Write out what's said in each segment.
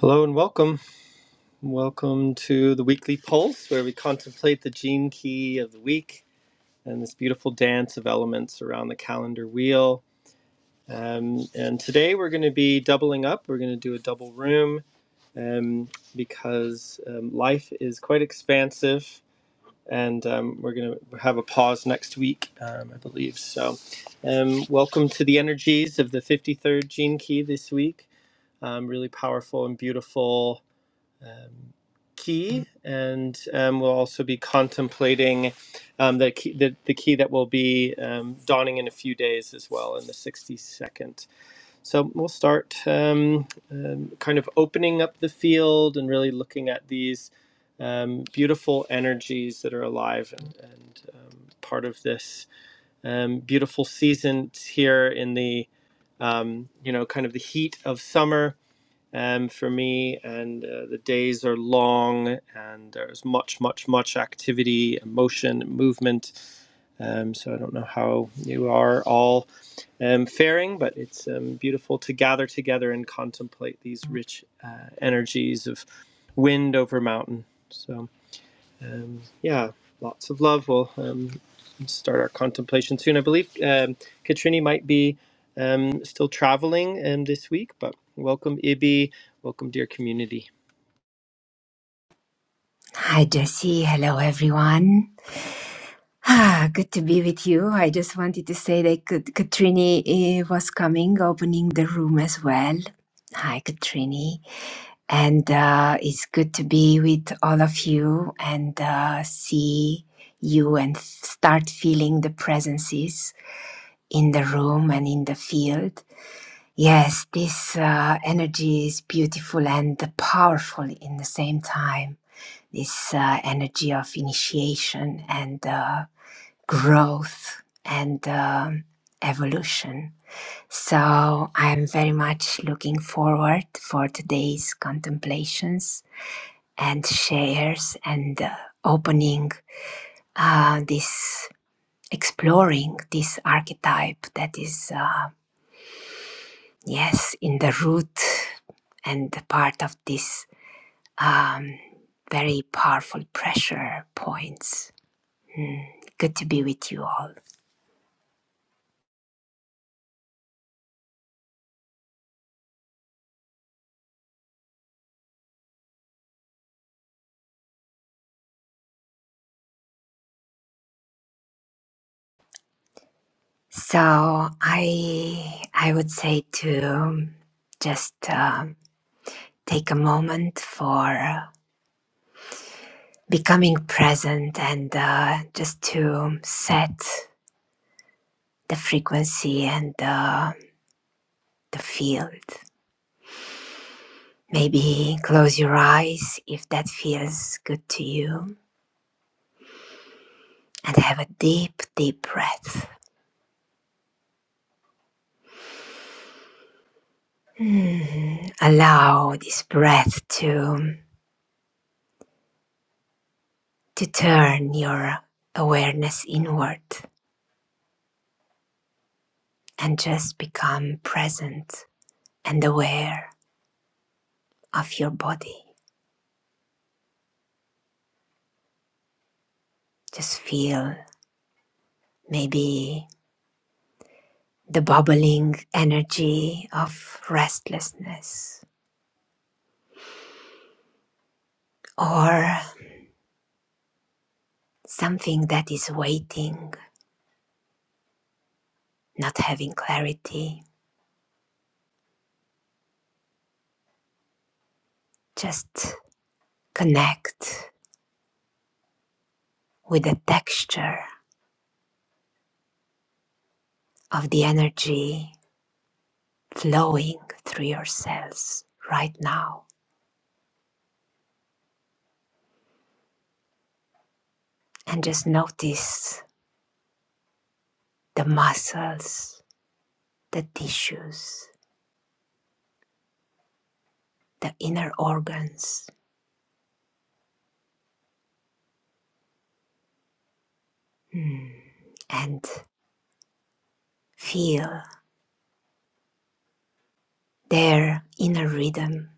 Hello and welcome. Welcome to the weekly pulse where we contemplate the gene key of the week and this beautiful dance of elements around the calendar wheel. Um, and today we're going to be doubling up. We're going to do a double room um, because um, life is quite expansive and um, we're going to have a pause next week, um, I believe. So, um, welcome to the energies of the 53rd gene key this week. Um, really powerful and beautiful um, key, and um, we'll also be contemplating um, the, key, the the key that will be um, dawning in a few days as well in the 62nd. So we'll start um, um, kind of opening up the field and really looking at these um, beautiful energies that are alive and, and um, part of this um, beautiful season here in the um, you know kind of the heat of summer um, for me, and uh, the days are long, and there's much, much, much activity, and motion, movement. Um, so I don't know how you are all um, faring, but it's um, beautiful to gather together and contemplate these rich uh, energies of wind over mountain. So. Um, yeah, lots of love. We'll um, start our contemplation soon. I believe um, Katrini might be um, still traveling um, this week, but welcome, Ibi. Welcome, dear community. Hi, Jesse. Hello, everyone. Ah, good to be with you. I just wanted to say that Kat- Katrini eh, was coming, opening the room as well. Hi, Katrini. And uh, it's good to be with all of you and uh, see you and f- start feeling the presences in the room and in the field. Yes, this uh, energy is beautiful and powerful in the same time. This uh, energy of initiation and uh, growth and um evolution. So I'm very much looking forward for today's contemplations and shares and uh, opening uh, this, exploring this archetype that is. Uh, Yes, in the root and the part of this um, very powerful pressure points. Good to be with you all. So I I would say to just um take a moment for becoming present and uh, just to set the frequency and uh, the field. Maybe close your eyes if that feels good to you and have a deep, deep breath. Mhm. Allow this breath to, to turn your awareness inward and just become present and aware of your body. Just feel maybe the bubbling energy of restlessness or something that is waiting, not having clarity. Just connect with the texture of the energy flowing through your cells right now. And just notice the muscles, the tissues, the inner organs, Hmm. and feel their inner rhythm.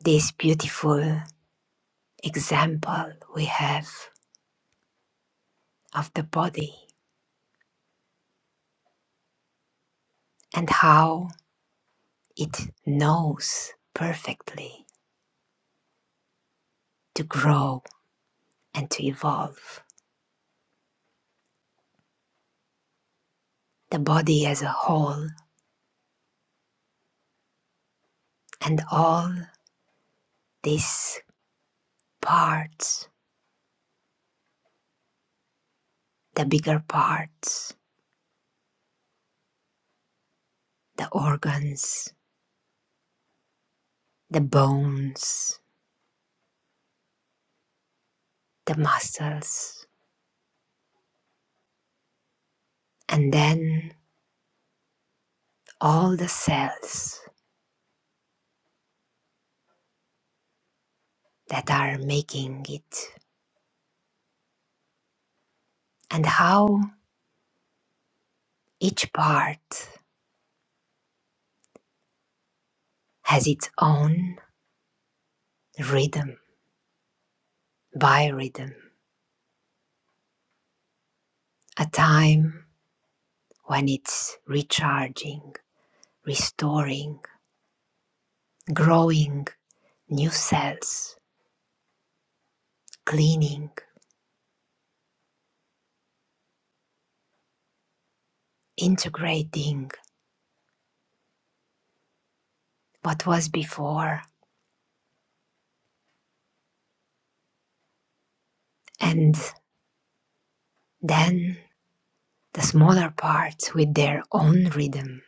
This beautiful example we have of the body and how it knows perfectly to grow and to evolve. The body as a whole and all These parts, the bigger parts, the organs, the bones, the muscles, and then all the cells that are making it, and how each part has its own rhythm, biorhythm, a time when it's recharging, restoring, growing new cells, cleaning, integrating what was before And then the smaller parts with their own rhythm,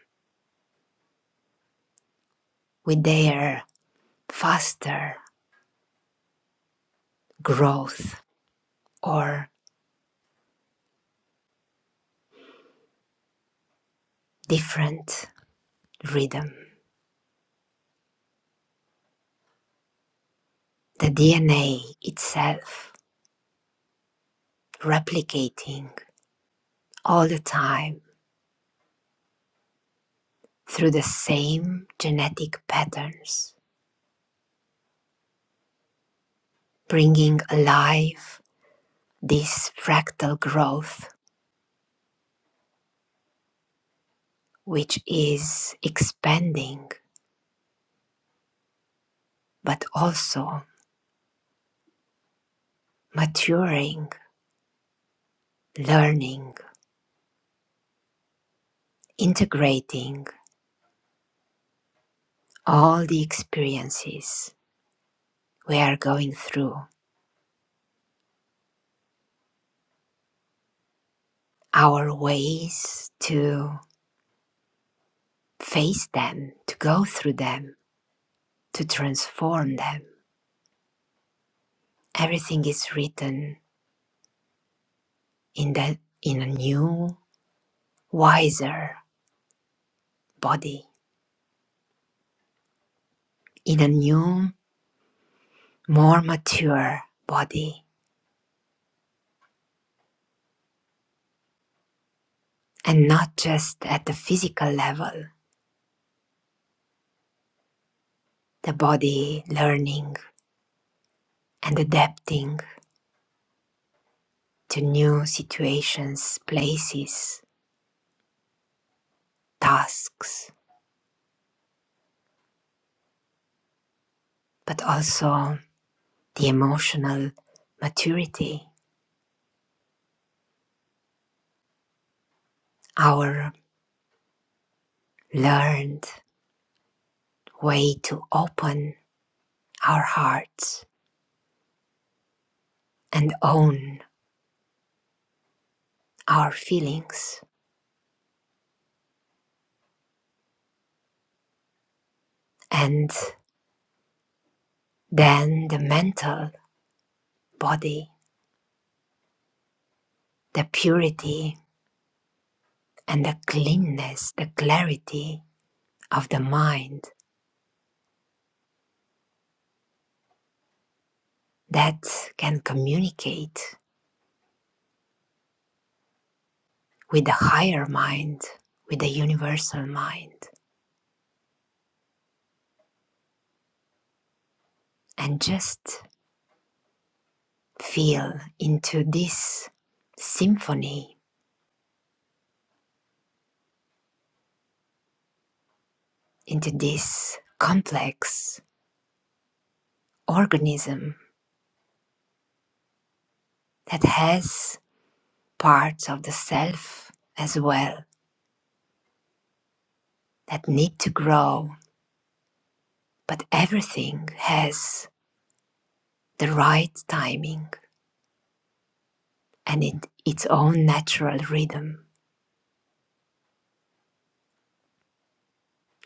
with their faster growth or different rhythm. The DNA itself replicating all the time through the same genetic patterns, bringing alive this fractal growth, which is expanding but also maturing, learning, integrating all the experiences we are going through, our ways to face them, to go through them, to transform them. Everything is written in the in a new, wiser body, in a new, more mature body, and not just at the physical level, the body learning and adapting to new situations, places, tasks, but also the emotional maturity, our learned way to open our hearts and own our feelings, and then the mental body, the purity and the cleanness, the clarity of the mind that can communicate with the higher mind, with the universal mind, and just feel into this symphony, into this complex organism that has parts of the self as well that need to grow, but everything has the right timing and in its own natural rhythm.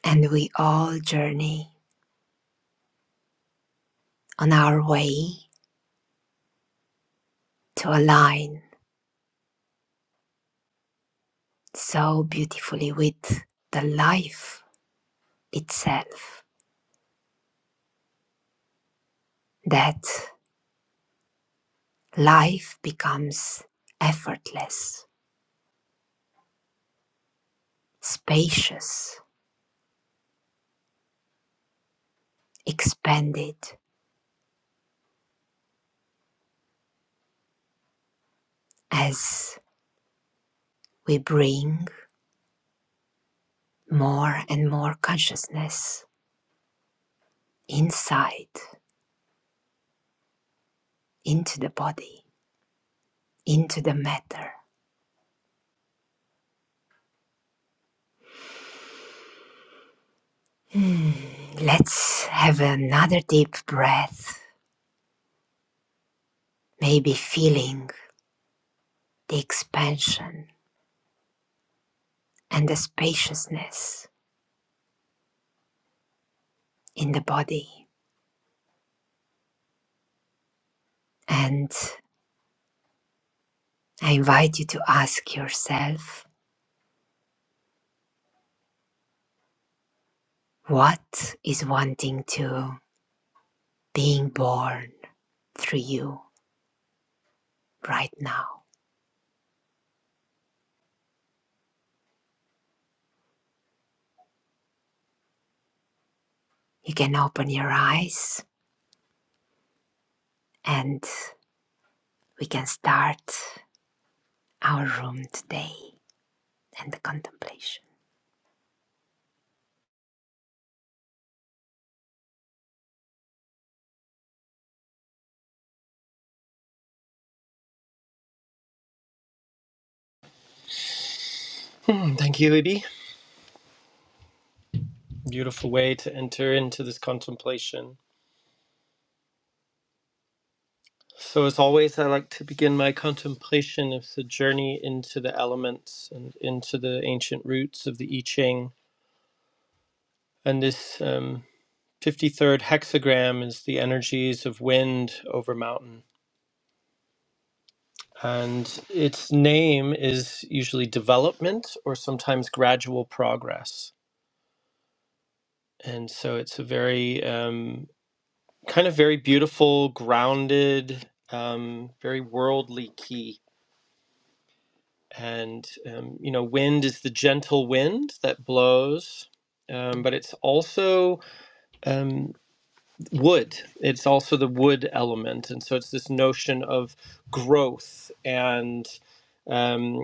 And we all journey on our way to align so beautifully with the life itself that Life becomes effortless, spacious, expanded as we bring more and more consciousness inside, into the body, into the matter. Hmm, Let's have another deep breath, maybe feeling the expansion and the spaciousness in the body. And I invite you to ask yourself What is wanting to being born through you right now? You can open your eyes and we can start our room today and the contemplation. Hmm, Thank you, Ibi. Beautiful way to enter into this contemplation. So, as always, I like to begin my contemplation of the journey into the elements and into the ancient roots of the I Ching. And this um, 53rd hexagram is the energies of wind over mountain and its name is usually development or sometimes gradual progress. And so it's a very um, kind of very beautiful, grounded, um, very worldly key. And um, you know, wind is the gentle wind that blows, um, but it's also um, wood. It's also the wood element, and so it's this notion of growth and um,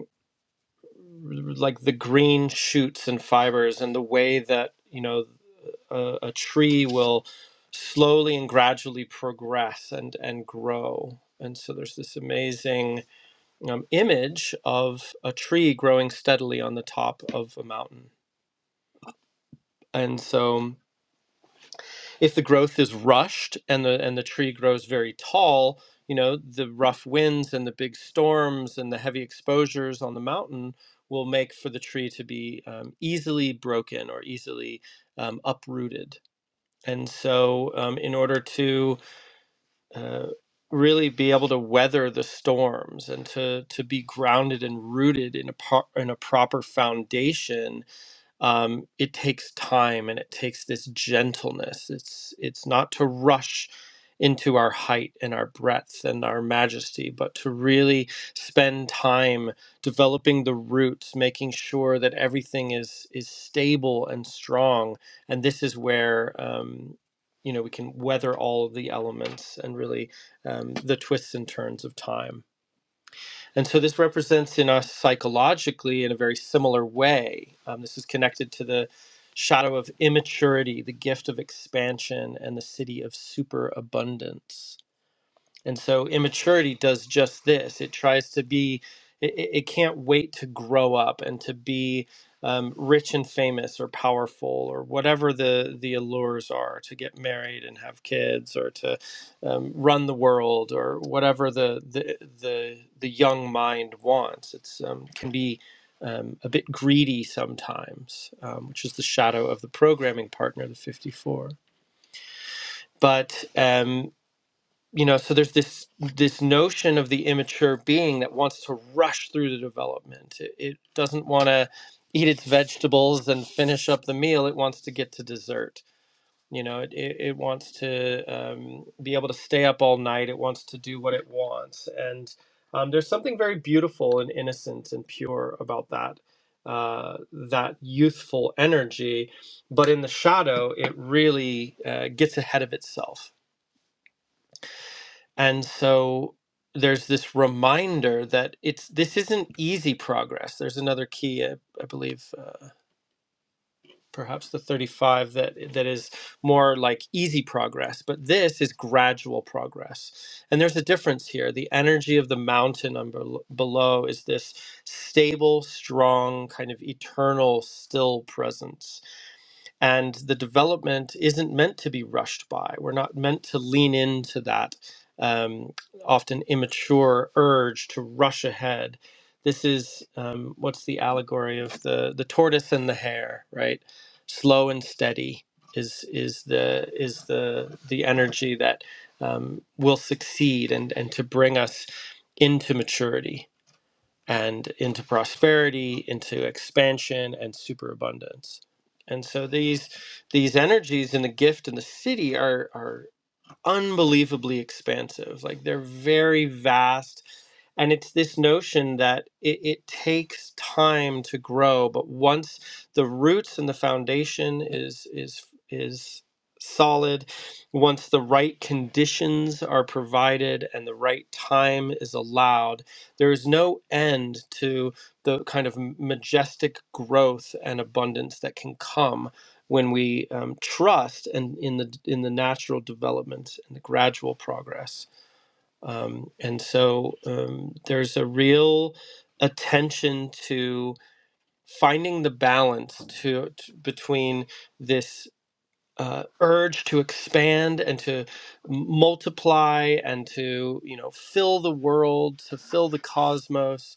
like the green shoots and fibers and the way that you know a, a tree will slowly and gradually progress and and grow and so there's this amazing um, image of a tree growing steadily on the top of a mountain and so if the growth is rushed and the and the tree grows very tall you know the rough winds and the big storms and the heavy exposures on the mountain will make for the tree to be um, easily broken or easily um, uprooted and so um, in order to uh, really be able to weather the storms and to to be grounded and rooted in a par- in a proper foundation um, it takes time and it takes this gentleness. It's it's not to rush into our height and our breadth and our majesty, but to really spend time developing the roots, making sure that everything is is stable and strong. And this is where um, you know we can weather all of the elements and really um, the twists and turns of time. And so this represents in us psychologically in a very similar way. Um, this is connected to the shadow of immaturity, the gift of expansion, and the city of superabundance. And so immaturity does just this. It tries to be, it, it it can't wait to grow up and to be um, rich and famous or powerful or whatever the, the allures are to get married and have kids or to um, run the world or whatever the, the, the, the young mind wants. It's um, can be um, a bit greedy sometimes, um, which is the shadow of the programming partner, the 54. But um, you know so there's this this notion of the immature being that wants to rush through the development it, it doesn't want to eat its vegetables and finish up the meal it wants to get to dessert you know it, it, it wants to um, be able to stay up all night it wants to do what it wants and um, there's something very beautiful and innocent and pure about that uh, that youthful energy but in the shadow it really uh, gets ahead of itself and so there's this reminder that it's this isn't easy progress there's another key i, I believe uh, perhaps the 35 that that is more like easy progress but this is gradual progress and there's a difference here the energy of the mountain on bel- below is this stable strong kind of eternal still presence and the development isn't meant to be rushed by. We're not meant to lean into that um, often immature urge to rush ahead. This is um, what's the allegory of the the tortoise and the hare, right? Slow and steady is is the is the the energy that um, will succeed and and to bring us into maturity and into prosperity, into expansion and superabundance. And so these these energies in the gift and the city are are unbelievably expansive. Like they're very vast. And it's this notion that it, it takes time to grow, but once the roots and the foundation is is is solid, once the right conditions are provided and the right time is allowed, there is no end to the kind of majestic growth and abundance that can come when we um, trust and in the in the natural development and the gradual progress. Um, and so um, there's a real attention to finding the balance to, to- between this uh, urge to expand and to multiply and to you know fill the world to fill the cosmos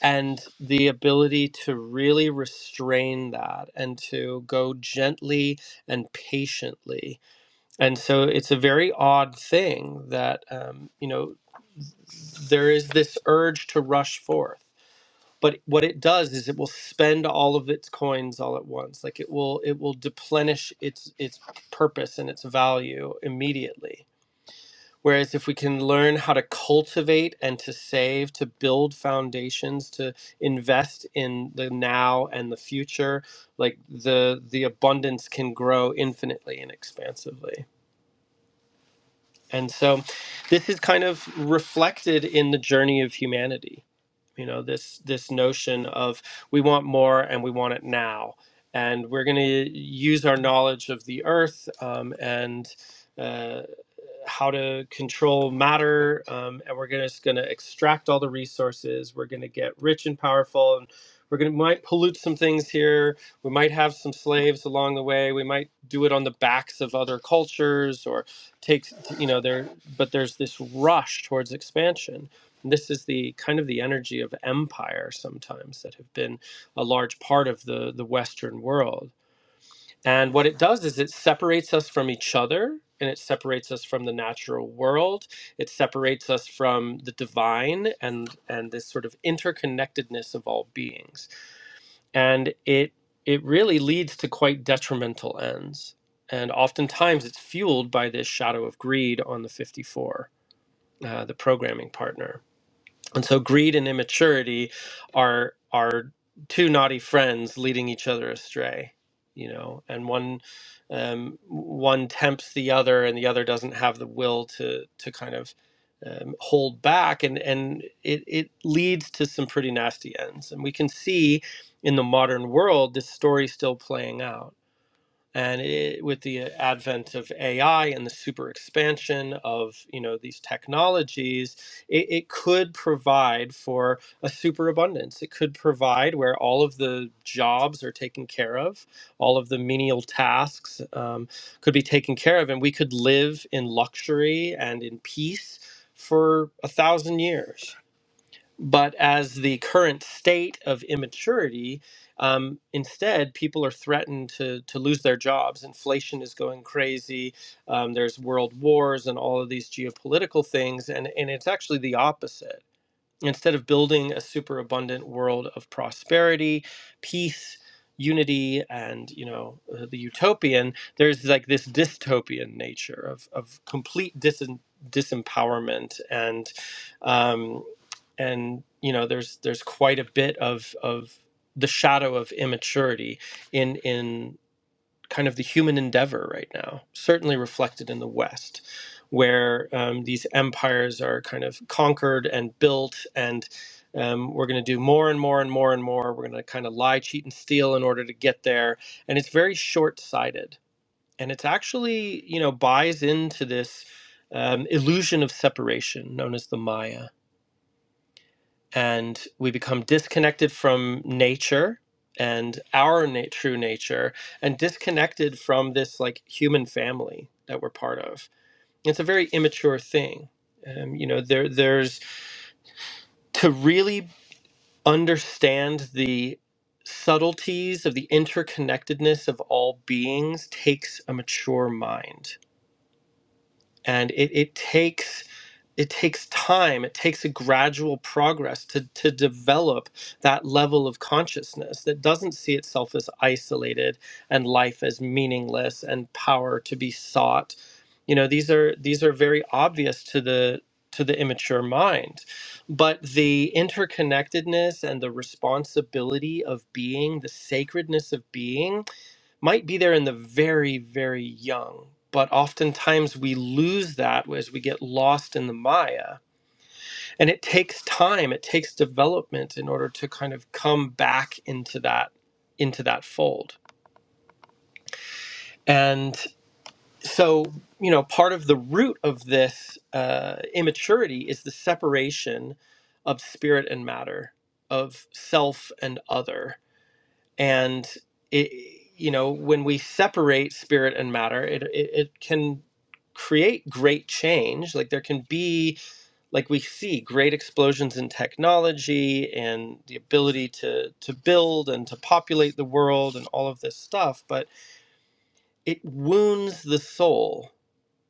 and the ability to really restrain that and to go gently and patiently. And so it's a very odd thing that, um, you know, there is this urge to rush forth. But what it does is it will spend all of its coins all at once. Like it will, it will deplenish its its purpose and its value immediately Whereas if we can learn how to cultivate and to save, to build foundations, to invest in the now and the future, like the the abundance can grow infinitely and expansively. And so this is kind of reflected in the journey of humanity. You know, this this notion of we want more and we want it now. And we're going to use our knowledge of the earth um, and uh how to control matter, um, and we're gonna, just going to extract all the resources. We're going to get rich and powerful, and we're going to might pollute some things here. We might have some slaves along the way. We might do it on the backs of other cultures, or take you know there. But there's this rush towards expansion. And This is the kind of the energy of empire sometimes that have been a large part of the the Western world and what it does is it separates us from each other and it separates us from the natural world. It separates us from the divine and and this sort of interconnectedness of all beings. And it it really leads to quite detrimental ends. And oftentimes it's fueled by this shadow of greed on the 54, uh, the programming partner. And so greed and immaturity are are two naughty friends leading each other astray, you know, and one um, one tempts the other and the other doesn't have the will to to kind of um, hold back and and it, it leads to some pretty nasty ends. And we can see in the modern world this story still playing out and it, with the advent of AI and the super expansion of you know these technologies, it, it could provide for a superabundance. It could provide where all of the jobs are taken care of, all of the menial tasks um, could be taken care of, and we could live in luxury and in peace for a thousand years. But as the current state of immaturity, um, instead, people are threatened to, to lose their jobs. Inflation is going crazy. Um, there's world wars and all of these geopolitical things. And, and it's actually the opposite. Instead of building a super abundant world of prosperity, peace, unity, and you know uh, the utopian, there's like this dystopian nature of, of complete dis- disempowerment and um, and you know there's there's quite a bit of of the shadow of immaturity in in kind of the human endeavor right now, certainly reflected in the West, where um, these empires are kind of conquered and built, and um, we're going to do more and more and more and more. We're going to kind of lie, cheat, and steal in order to get there. And it's very short sighted. And it's actually, you know, buys into this um, illusion of separation known as the Maya and we become disconnected from nature and our na- true nature and disconnected from this like human family that we're part of it's a very immature thing um, you know there there's to really understand the subtleties of the interconnectedness of all beings takes a mature mind and it, it takes it takes time it takes a gradual progress to, to develop that level of consciousness that doesn't see itself as isolated and life as meaningless and power to be sought you know these are these are very obvious to the to the immature mind but the interconnectedness and the responsibility of being the sacredness of being might be there in the very, very young. But oftentimes we lose that as we get lost in the Maya. And it takes time, it takes development in order to kind of come back into that into that fold. And so, you know, part of the root of this uh, immaturity is the separation of spirit and matter, of self and other. and it you know when we separate spirit and matter it it, it can create great change like there can be like we see great explosions in technology and the ability to to build and to populate the world and all of this stuff but it wounds the soul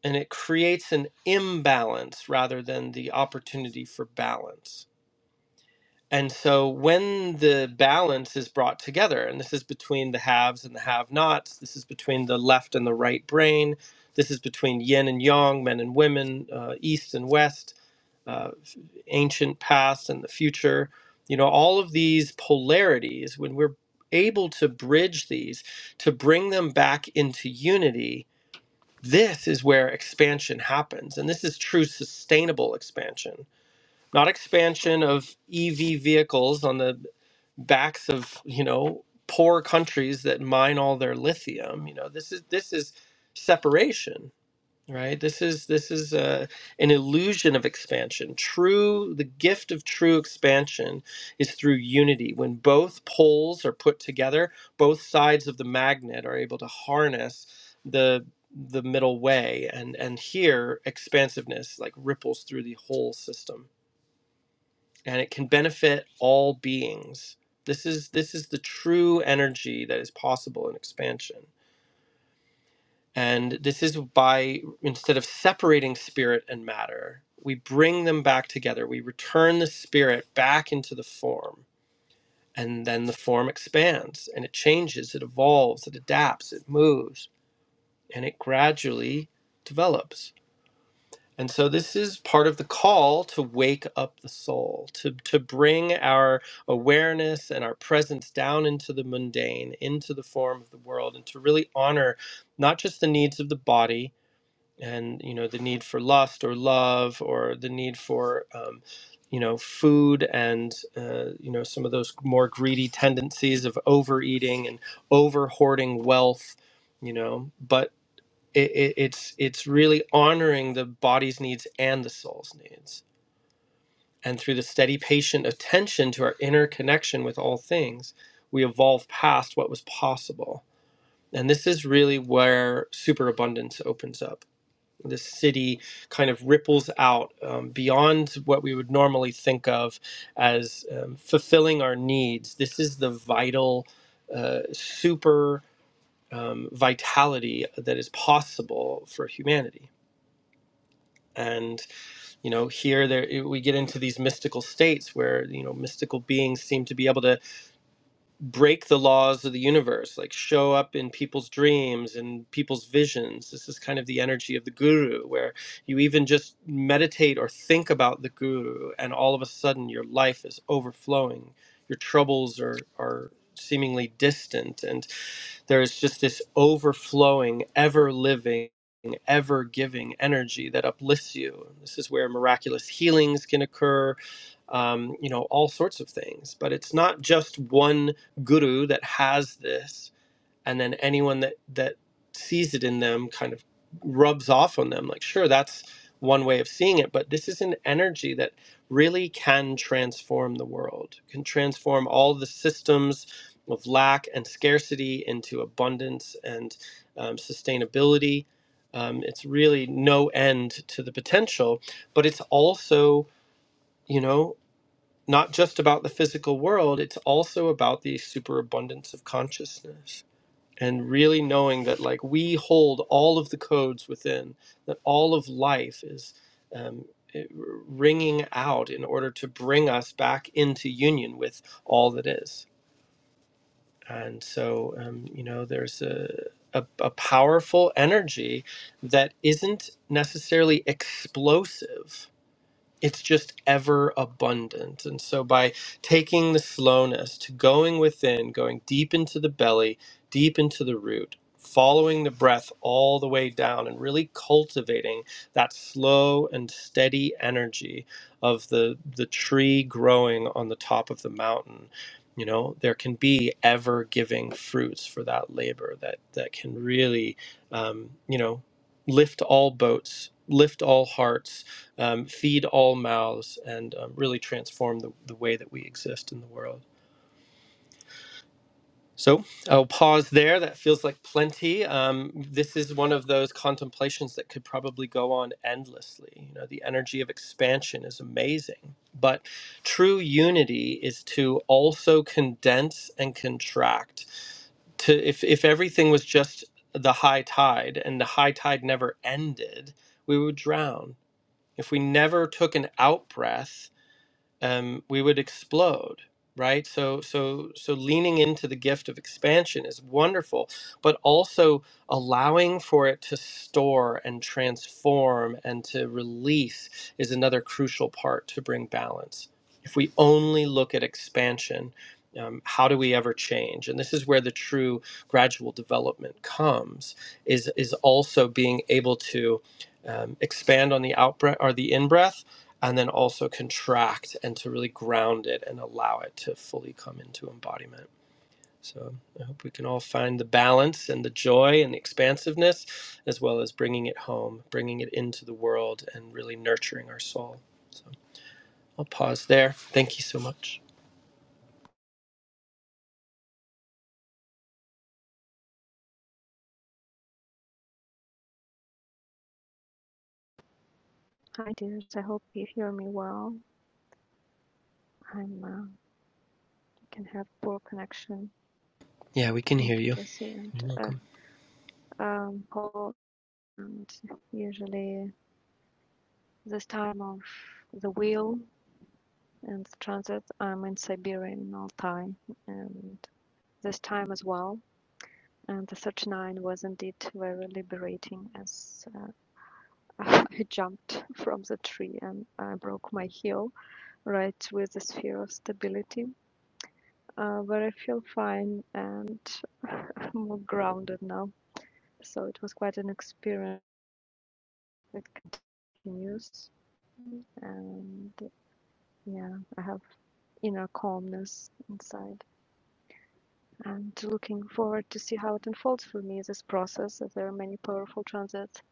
and it creates an imbalance rather than the opportunity for balance and so when the balance is brought together, and this is between the haves and the have nots, this is between the left and the right brain, this is between yin and yang, men and women, uh, east and west, uh, ancient past and the future, you know, all of these polarities, when we're able to bridge these, to bring them back into unity, this is where expansion happens. And this is true sustainable expansion not expansion of EV vehicles on the backs of you know poor countries that mine all their lithium. You know this is this is separation, right? This is this is uh, an illusion of expansion. True, the gift of true expansion is through unity. When both poles are put together, both sides of the magnet are able to harness the the middle way and and here expansiveness like ripples through the whole system and it can benefit all beings. This is this is the true energy that is possible in expansion. And this is by instead of separating spirit and matter, we bring them back together. We return the spirit back into the form. And then the form expands and it changes, it evolves, it adapts, it moves, and it gradually develops. And so this is part of the call to wake up the soul, to, to bring our awareness and our presence down into the mundane, into the form of the world, and to really honor not just the needs of the body and you know the need for lust or love or the need for um, you know food and uh, you know some of those more greedy tendencies of overeating and over hoarding wealth you know but it, it, it's it's really honoring the body's needs and the soul's needs and through the steady patient attention to our inner connection with all things we evolve past what was possible and this is really where superabundance opens up this city kind of ripples out um, beyond what we would normally think of as um, fulfilling our needs this is the vital uh, super um, vitality that is possible for humanity and you know here there we get into these mystical states where you know mystical beings seem to be able to break the laws of the universe like show up in people's dreams and people's visions this is kind of the energy of the guru where you even just meditate or think about the guru and all of a sudden your life is overflowing your troubles are are seemingly distant and there's just this overflowing, ever living, ever giving energy that uplifts you. This is where miraculous healings can occur, um, you know, all sorts of things. But it's not just one guru that has this and then anyone that that sees it in them kind of rubs off on them like sure that's one way of seeing it but this is an energy that really can transform the world can transform all the systems of lack and scarcity into abundance and um, sustainability um, it's really no end to the potential but it's also you know not just about the physical world it's also about the superabundance of consciousness and really knowing that like we hold all of the codes within that all of life is um, ringing out in order to bring us back into union with all that is and so um, you know there's a, a, a powerful energy that isn't necessarily explosive it's just ever abundant. And so by taking the slowness to going within, going deep into the belly, deep into the root, following the breath all the way down and really cultivating that slow and steady energy of the the tree growing on the top of the mountain. You know, there can be ever giving fruits for that labor that that can really um, you know, lift all boats, lift all hearts, um, feed all mouths, and um, really transform the, the way that we exist in the world. So I'll pause there. That feels like plenty. Um, this is one of those contemplations that could probably go on endlessly. You know, the energy of expansion is amazing, but true unity is to also condense and contract. To if if everything was just the high tide and the high tide never ended, we would drown. If we never took an out breath um, we would explode right so so so leaning into the gift of expansion is wonderful but also allowing for it to store and transform and to release is another crucial part to bring balance if we only look at expansion um, how do we ever change and this is where the true gradual development comes is is also being able to um, expand on the out breath or the in breath and then also contract and to really ground it and allow it to fully come into embodiment. So I hope we can all find the balance and the joy and the expansiveness, as well as bringing it home, bringing it into the world, and really nurturing our soul. So I'll pause there. Thank you so much. Hi, dears. I hope you hear me well. I'm uh, can have poor connection. Yeah, we can hear Thank you, you. Jesse and You're uh, welcome. um, Paul. And usually this time of the wheel and the transit, I'm in Siberia in Altai, and this time as well. And the 39 was indeed very liberating as uh, I jumped from the tree and I broke my heel right with the sphere of stability uh, where I feel fine and more grounded now. So it was quite an experience. It continues, and yeah, I have inner calmness inside. And looking forward to see how it unfolds for me this process. As there are many powerful transits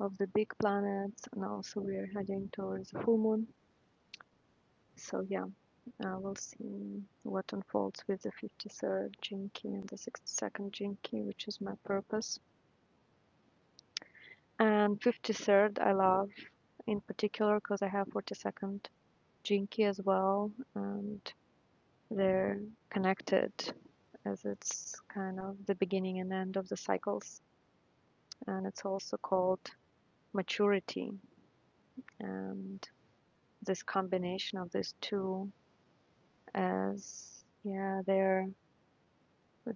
of the big planets, and also we are heading towards the full moon. So yeah, uh, we'll see what unfolds with the 53rd Jinki and the 62nd Jinki, which is my purpose And 53rd, I love in particular because I have 42nd Jinky as well, and they're connected as it's kind of the beginning and end of the cycles. And it's also called maturity. And this combination of these two, as yeah, they're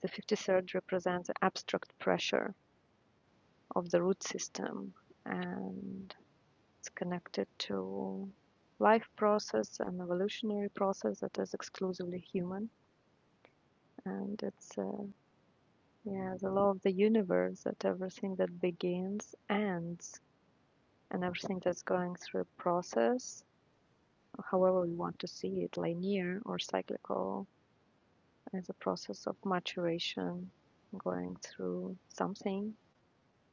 the 53rd represents the abstract pressure of the root system and It's connected to life process and evolutionary process that is exclusively human. And it's, uh, yeah, the law of the universe that everything that begins ends and everything that's going through a process, however we want to see it, linear or cyclical, is a process of maturation going through something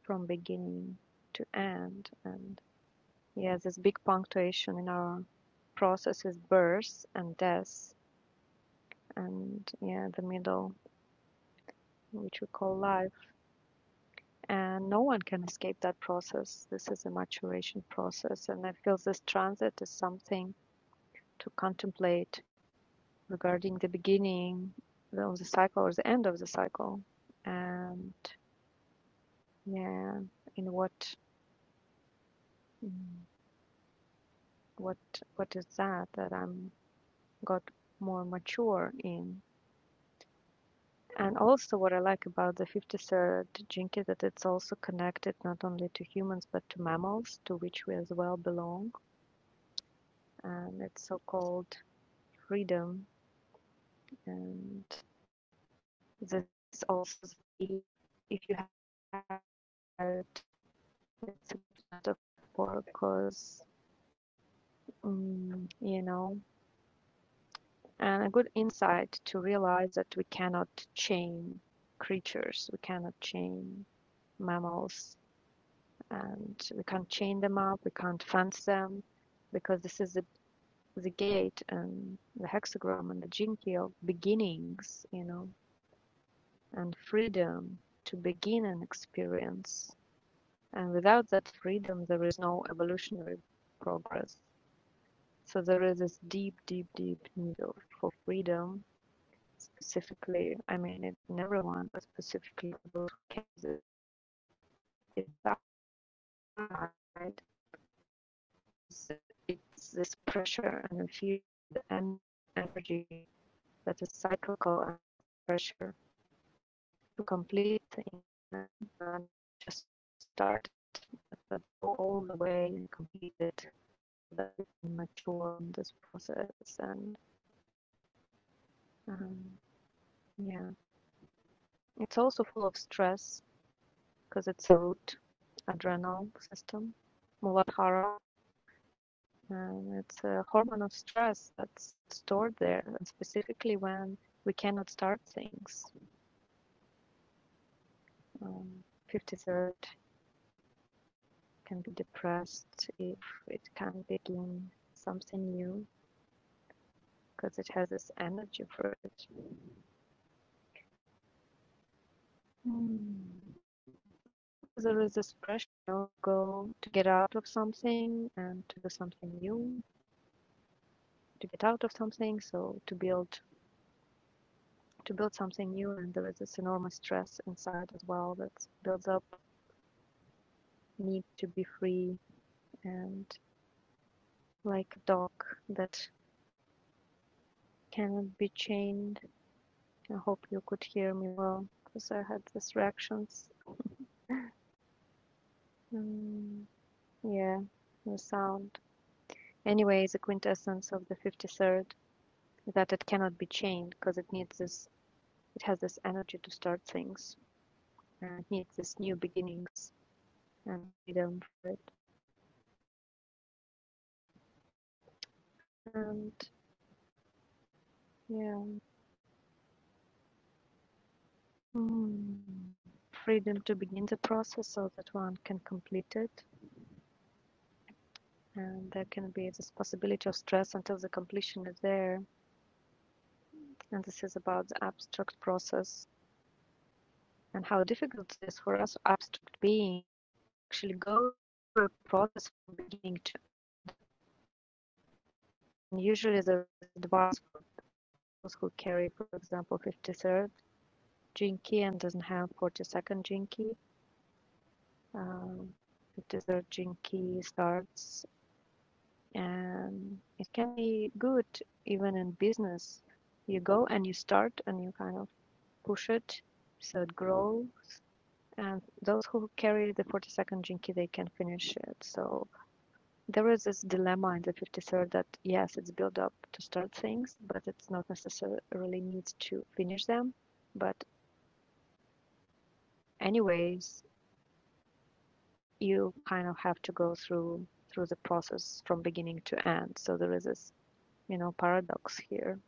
from beginning to end. And yeah, this big punctuation in our process is birth and death and yeah, the middle, which we call life. And no one can escape that process. This is a maturation process, and I feel this transit is something to contemplate regarding the beginning of the cycle or the end of the cycle, and yeah, in what mm, what what is that that I'm got more mature in And also, what I like about the 53rd jinky is that it's also connected not only to humans but to mammals, to which we as well belong, and it's so-called freedom. And this is also if you have it, it's a for because mm, you know, and a good insight to realize that we cannot chain creatures, we cannot chain mammals and we can't chain them up, we can't fence them, because this is the, the gate and the hexagram and the jinki of beginnings, you know, and freedom to begin an experience. And without that freedom, there is no evolutionary progress. So there is this deep, deep, deep need for freedom, specifically, I mean, it in everyone, but specifically in those cases. It's outside So it's this pressure and fear and energy that is cyclical and pressure to complete and just start but go all the way and complete it that is mature in this process and um, yeah it's also full of stress because it's a root adrenal system muladhara Um, it's a hormone of stress that's stored there, and specifically when we cannot start things. Um, 53rd can be depressed if it can't begin something new because it has this energy for it. Mm. There is this pressure to go to get out of something and to do something new, to get out of something, so to build to build something new and there is this enormous stress inside as well that builds up need to be free and like a dog that cannot be chained. I hope you could hear me well because I had distractions. Mm, yeah, the sound. Anyway, the quintessence of the 53rd is that it cannot be chained because it needs this, it has this energy to start things and it needs this new beginnings and freedom for it. And yeah, mm, freedom to begin the process so that one can complete it And there can be this possibility of stress until the completion is there. And this is about the abstract process and how difficult it is for us abstract beings actually go through a process from beginning to and usually the advice for those who carry, for example, 53rd gene key and doesn't have 42nd gene key. Um, 53rd gene key starts and it can be good even in business. You go and you start and you kind of Push it so it grows, and those who carry the 42nd Jinki, they can finish it. So there is this dilemma in the 53rd that, yes, it's built up to start things, but it's not necessarily needs to finish them. But anyways, you kind of have to go through through the process from beginning to end. So there is this, you know, paradox here.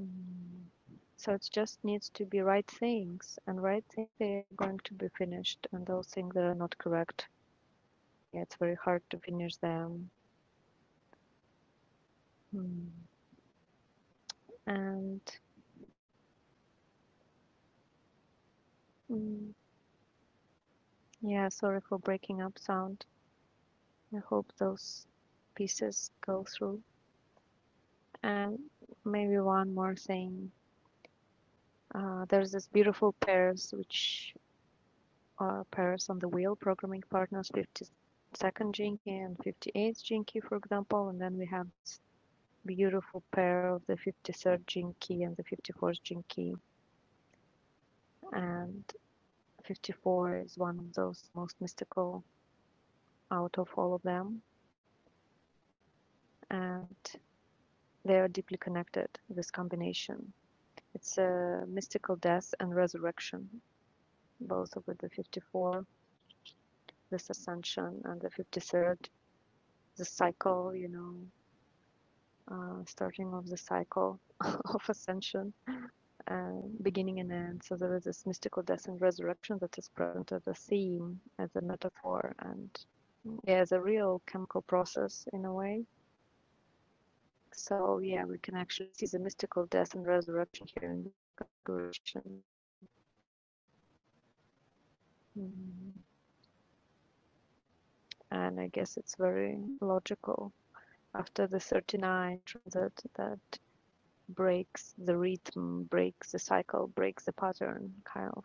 Mm. So it just needs to be right things, and right things they are going to be finished, and those things that are not correct yeah, it's very hard to finish them. Mm. And mm, yeah, sorry for breaking up sound. I hope those pieces go through. And maybe one more thing. Uh, there's this beautiful pairs, which are pairs on the wheel, programming partners 52nd Jinky and 58th Jinky, for example. And then we have this beautiful pair of the 53rd Jinky and the 54th Jinky. And 54 is one of those most mystical out of all of them, and they are deeply connected. This combination, it's a mystical death and resurrection, both of the 54, this ascension, and the 53rd, the cycle. You know, uh, starting of the cycle of ascension, uh, beginning and end. So there is this mystical death and resurrection that is present as a theme, as a metaphor, and yeah, as a real chemical process in a way So yeah, we can actually see the mystical death and resurrection here in the configuration. Mm, And I guess it's very logical after the 39 transit that breaks the rhythm, breaks the cycle, breaks the pattern, kind of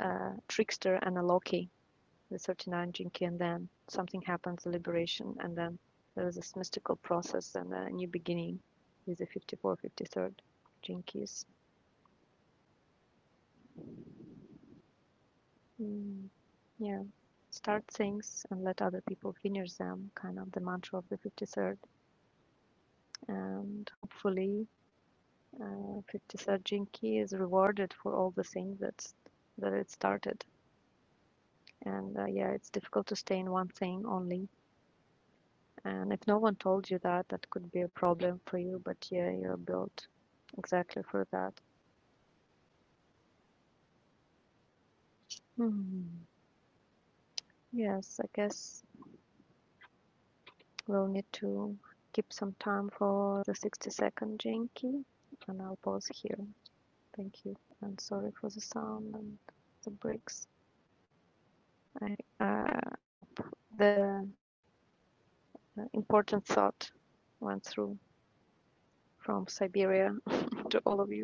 uh, trickster and a Loki, the 39 Jinki, and then something happens, liberation, and then there is this mystical process and a new beginning with the 54, fifty-third 53rd Jinkies. Mm, yeah. Start things and let other people finish them, kind of the mantra of the 53rd. And hopefully, uh, 53rd Jinki is rewarded for all the things that's, that it started. And uh, yeah, it's difficult to stay in one thing only. And if no one told you that, that could be a problem for you, but yeah, you're built exactly for that. Hmm. Yes, I guess We'll need to keep some time for the 60 second Genki and I'll pause here. Thank you. And sorry for the sound and the breaks. I, uh, the important thought went through from Siberia to all of you.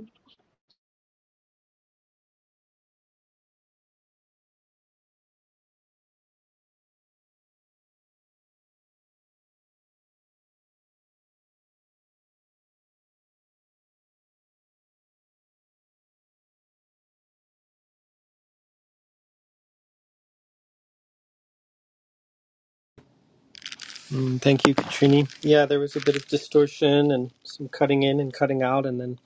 Mm, thank you, Katrini. Yeah, there was a bit of distortion and some cutting in and cutting out, and then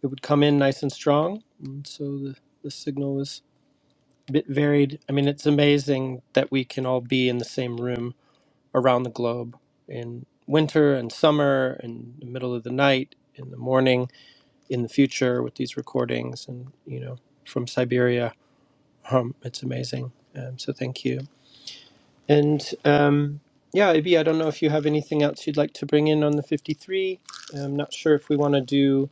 it would come in nice and strong. And so the, the signal was bit varied. I mean, it's amazing that we can all be in the same room around the globe in winter and summer, in the middle of the night, in the morning, in the future with these recordings, and you know, from Siberia. Um, it's amazing. Um, so thank you. And um, yeah, Ibi, I don't know if you have anything else you'd like to bring in on the 53. I'm not sure if we want to do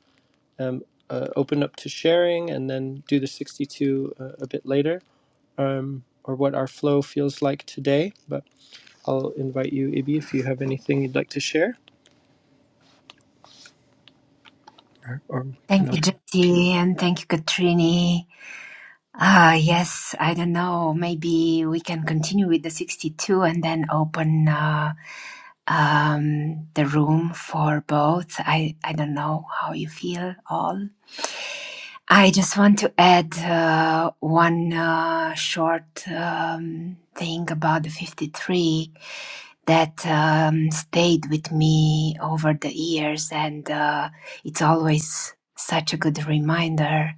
um, uh, open up to sharing and then do the 62 uh, a bit later um, or what our flow feels like today. But I'll invite you, Ibi, if you have anything you'd like to share, or, or we can Thank you, open. Jyoti, and thank you, Katrini. Ah, yes, I don't know. Maybe we can continue with the 62 and then open uh, um, the room for both. I, I don't know how you feel all. I just want to add uh, one uh, short um, thing about the 53 that um, stayed with me over the years, and uh, it's always such a good reminder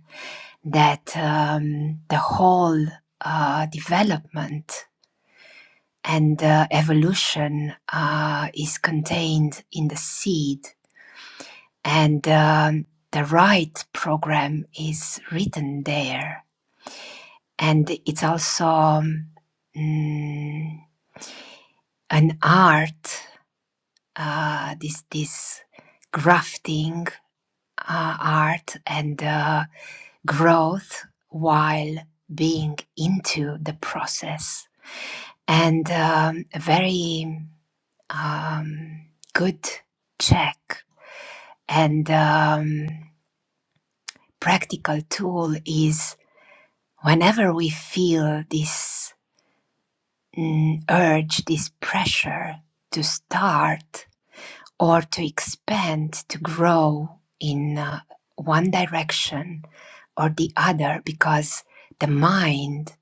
that um, the whole uh, development and uh, evolution uh, is contained in the seed, and um, the right program is written there and it's also um, mm, an art uh, this this grafting uh, art and uh, growth while being into the process and um, a very um, good check and um, practical tool is whenever we feel this mm, urge, this pressure to start or to expand, to grow in uh, one direction or the other, because the mind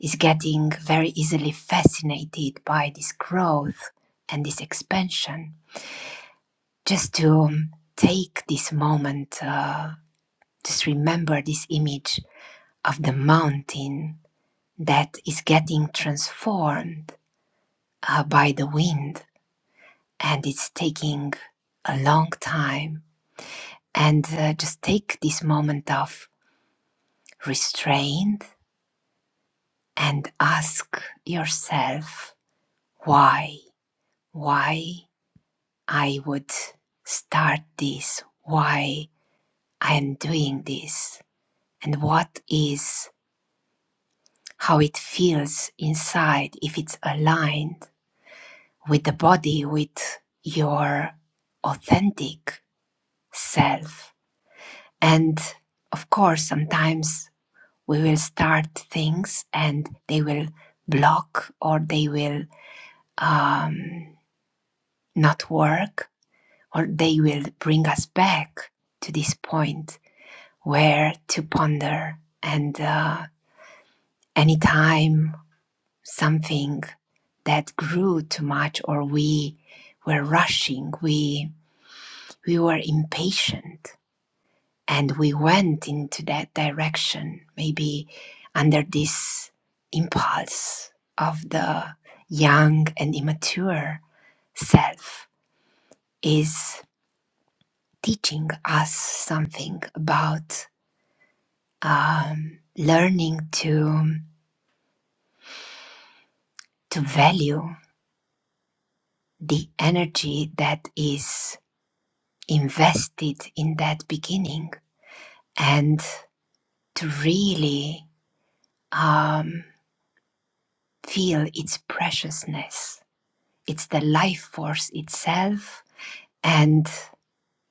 is getting very easily fascinated by this growth and this expansion. Just to um, take this moment, uh, just remember this image of the mountain that is getting transformed uh, by the wind and it's taking a long time. And uh, just take this moment of restraint and ask yourself why, why I would start this, why I am doing this, and what is how it feels inside if it's aligned with the body, with your authentic self. And of course, sometimes we will start things and they will block or they will um, not work or they will bring us back to this point where to ponder and uh, anytime something that grew too much or we were rushing we we were impatient And we went into that direction, maybe under this impulse of the young and immature self is teaching us something about um, learning to to value the energy that is invested in that beginning and to really um, feel its preciousness It's the life force itself. And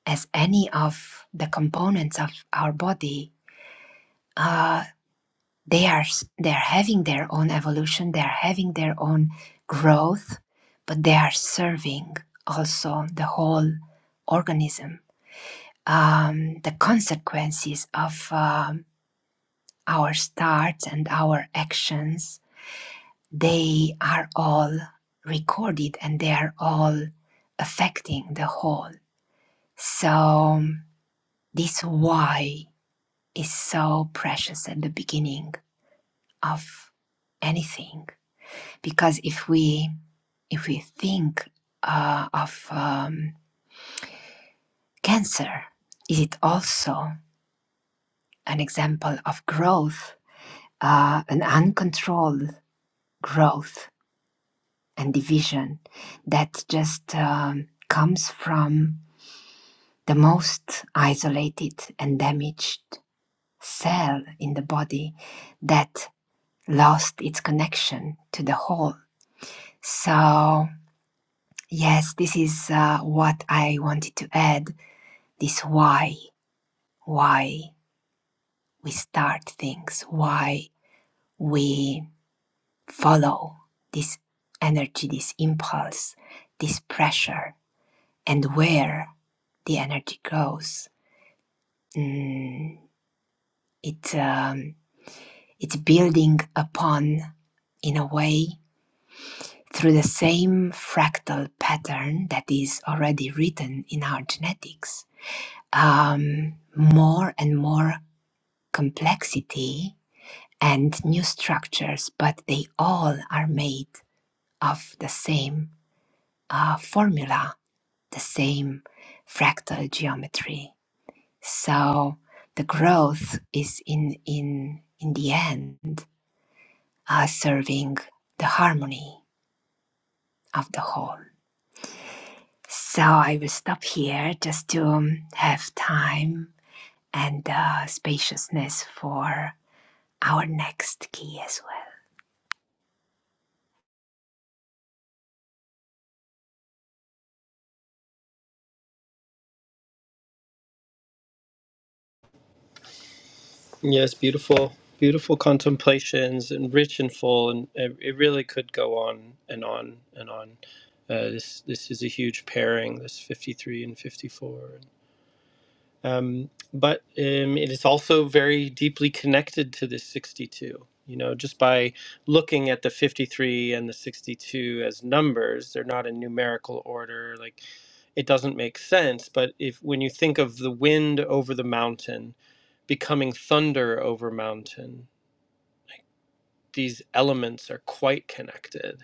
as any of the components of our body, uh, they are they are having their own evolution, they are having their own growth, but they are serving also the whole organism. Um, the consequences of um, our starts and our actions, they are all recorded and they are all affecting the whole. So, this why is so precious at the beginning of anything because if we if we think uh, of um, cancer, is it also an example of growth, uh, an uncontrolled growth and division that just um, comes from the most isolated and damaged cell in the body that lost its connection to the whole. So, yes, this is uh, what I wanted to add this why, why we start things, why we follow this energy, this impulse, this pressure, and where the energy goes. Mm, it, um, it's building upon, in a way, through the same fractal pattern that is already written in our genetics, um, more and more complexity and new structures, but they all are made of the same uh, formula, the same fractal geometry. So the growth is in in in the end uh, serving the harmony of the whole. So I will stop here just to um, have time and uh, spaciousness for our next key as well. Yes, beautiful, beautiful contemplations and rich and full, and it, it really could go on and on and on. Uh, this this is a huge pairing. This fifty three and fifty four. um, but um, it is also very deeply connected to this 62 you know just by looking at the 53 and the 62 as numbers they're not in numerical order like it doesn't make sense but if when you think of the wind over the mountain becoming thunder over mountain these elements are quite connected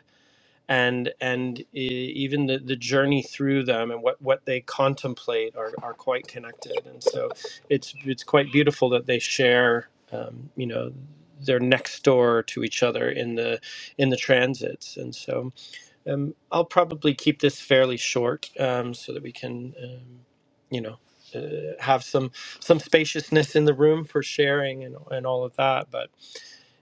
and and e- even the, the journey through them and what, what they contemplate are, are quite connected and so it's it's quite beautiful that they share um, you know they're next door to each other in the in the transits and so um, I'll probably keep this fairly short um, so that we can, um, you know, uh, have some some spaciousness in the room for sharing and, and all of that. But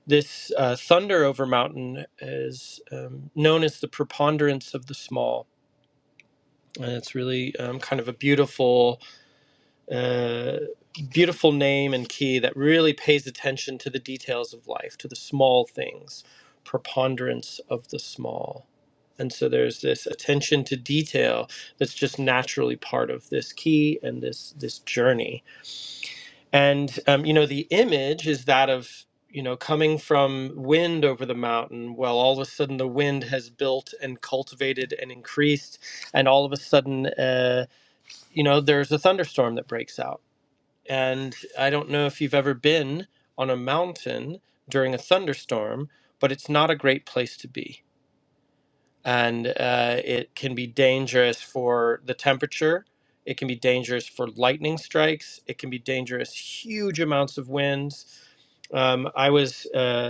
this uh, thunder over mountain is um, known as the preponderance of the small, and it's really um, kind of a beautiful uh, beautiful name and key that really pays attention to the details of life, to the small things, preponderance of the small. And so there's this attention to detail that's just naturally part of this key and this this journey. And um, you know, the image is that of you know coming from wind over the mountain. Well, all of a sudden the wind has built and cultivated and increased, and all of a sudden, uh, you know, there's a thunderstorm that breaks out and I don't know if you've ever been on a mountain during a thunderstorm, but it's not a great place to be. And uh, it can be dangerous for the temperature. It can be dangerous for lightning strikes. It can be dangerous, huge amounts of winds. Um, I was uh,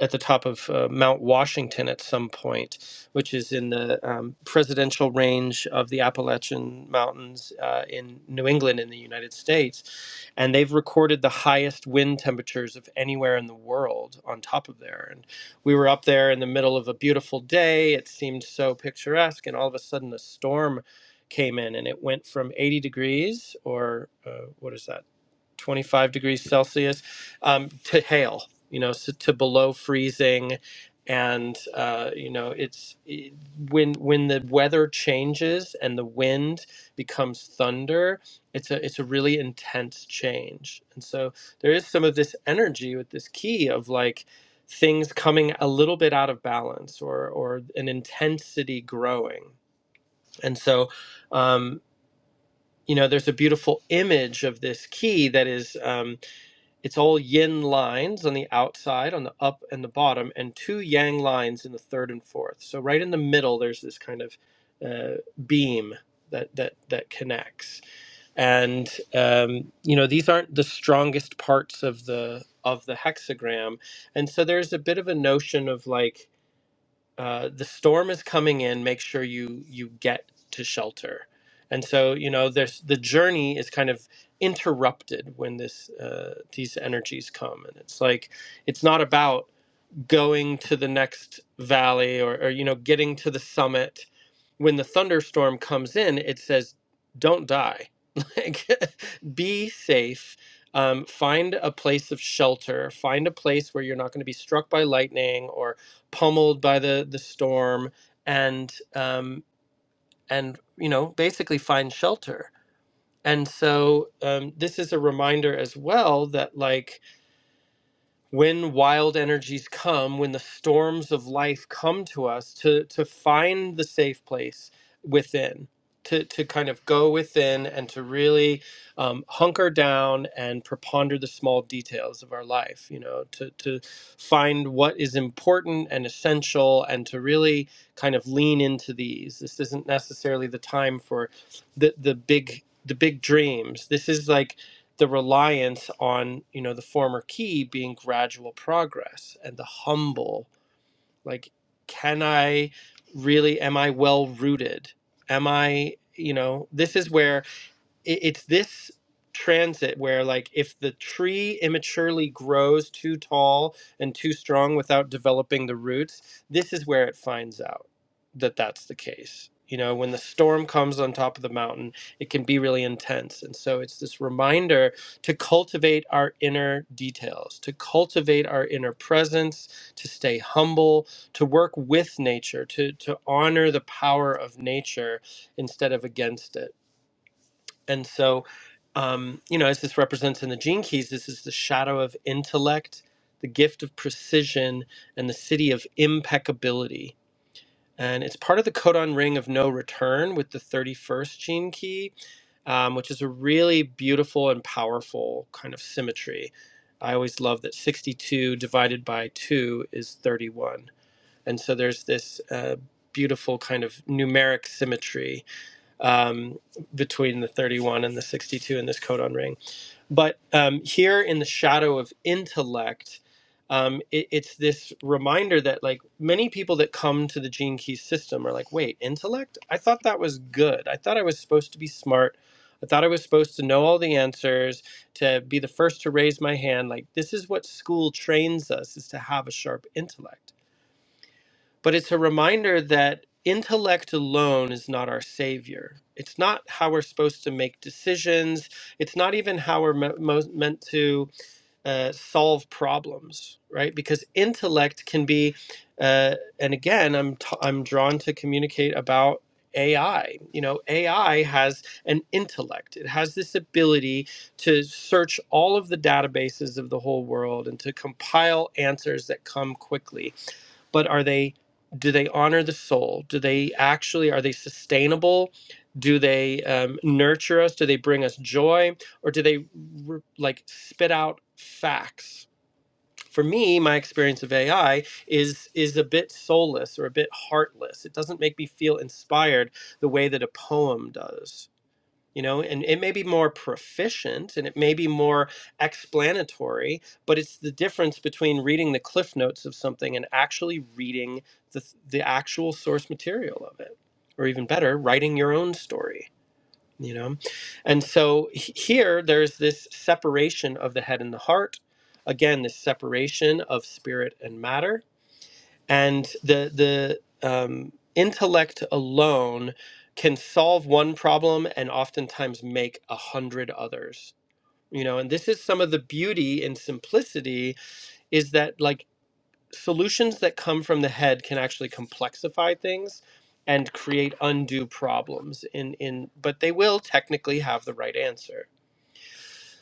at the top of uh, Mount Washington at some point, which is in the um, presidential range of the Appalachian Mountains uh, in New England in the United States. And they've recorded the highest wind temperatures of anywhere in the world on top of there. And we were up there in the middle of a beautiful day. It seemed so picturesque. And all of a sudden, a storm came in and it went from 80 degrees or uh, what is that? 25 degrees Celsius, um, to hail, you know, so to below freezing. And, uh, you know, it's it, when, when the weather changes and the wind becomes thunder, it's a, it's a really intense change. And so there is some of this energy with this key of like things coming a little bit out of balance or, or an intensity growing. And so, um, you know, there's a beautiful image of this key that is. Um, it's all yin lines on the outside, on the up and the bottom, and two yang lines in the third and fourth. So right in the middle, there's this kind of uh, beam that that that connects. And um, you know, these aren't the strongest parts of the of the hexagram, and so there's a bit of a notion of like uh, the storm is coming in make sure you you get to shelter and so you know there's the journey is kind of interrupted when this uh, these energies come and it's like it's not about going to the next valley or, or you know getting to the summit when the thunderstorm comes in it says don't die like be safe um, find a place of shelter find a place where you're not going to be struck by lightning or pummeled by the the storm and um, and you know basically find shelter and so um, this is a reminder as well that like when wild energies come, when the storms of life come to us, to to find the safe place within, to to kind of go within and to really um, hunker down and preponder the small details of our life. You know, to to find what is important and essential, and to really kind of lean into these. This isn't necessarily the time for the the big the big dreams. This is like the reliance on you know the former key being gradual progress and the humble like can i really am i well rooted am i you know this is where it, it's this transit where like if the tree immaturely grows too tall and too strong without developing the roots this is where it finds out that that's the case you know when the storm comes on top of the mountain it can be really intense and so it's this reminder to cultivate our inner details to cultivate our inner presence to stay humble to work with nature to to honor the power of nature instead of against it and so, um, you know, as this represents in the gene keys, this is the shadow of intellect, the gift of precision, and the city of impeccability. And it's part of the codon ring of no return with the 31st gene key, um, which is a really beautiful and powerful kind of symmetry. I always love that 62 divided by 2 is 31. And so there's this uh, beautiful kind of numeric symmetry um, between the 31 and the 62 in this codon ring. But um, here in the shadow of intellect, um, it, it's this reminder that like many people that come to the gene key system are like, wait, intellect? I thought that was good. I thought I was supposed to be smart. I thought I was supposed to know all the answers, to be the first to raise my hand. Like this is what school trains us is to have a sharp intellect but it's a reminder that intellect alone is not our savior. It's not how we're supposed to make decisions. It's not even how we're me- mo- meant to uh, solve problems, right? Because intellect can be, uh, and again, I'm t- I'm drawn to communicate about AI. You know, AI has an intellect. It has this ability to search all of the databases of the whole world and to compile answers that come quickly but are they do they honor the soul do they actually are they sustainable do they um, nurture us do they bring us joy or do they r like spit out facts for me my experience of ai is is a bit soulless or a bit heartless it doesn't make me feel inspired the way that a poem does you know and it may be more proficient and it may be more explanatory but it's the difference between reading the cliff notes of something and actually reading the the actual source material of it or even better writing your own story you know and so he- here there's this separation of the head and the heart again this separation of spirit and matter and the the um, intellect alone can solve one problem and oftentimes make a hundred others you know and this is some of the beauty and simplicity is that like solutions that come from the head can actually complexify things and create undue problems in in but they will technically have the right answer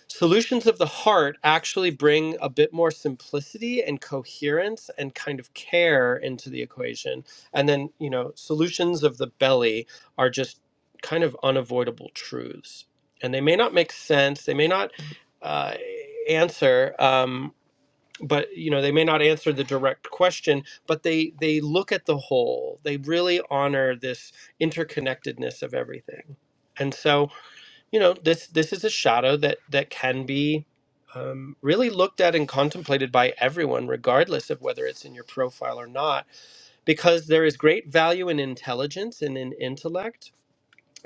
Solutions of the heart actually bring a bit more simplicity and coherence and kind of care into the equation. And then, you know, solutions of the belly are just kind of unavoidable truths. And they may not make sense, they may not uh, answer. Um, but you know they may not answer the direct question but they they look at the whole they really honor this interconnectedness of everything and so you know this this is a shadow that that can be um, really looked at and contemplated by everyone regardless of whether it's in your profile or not because there is great value in intelligence and in intellect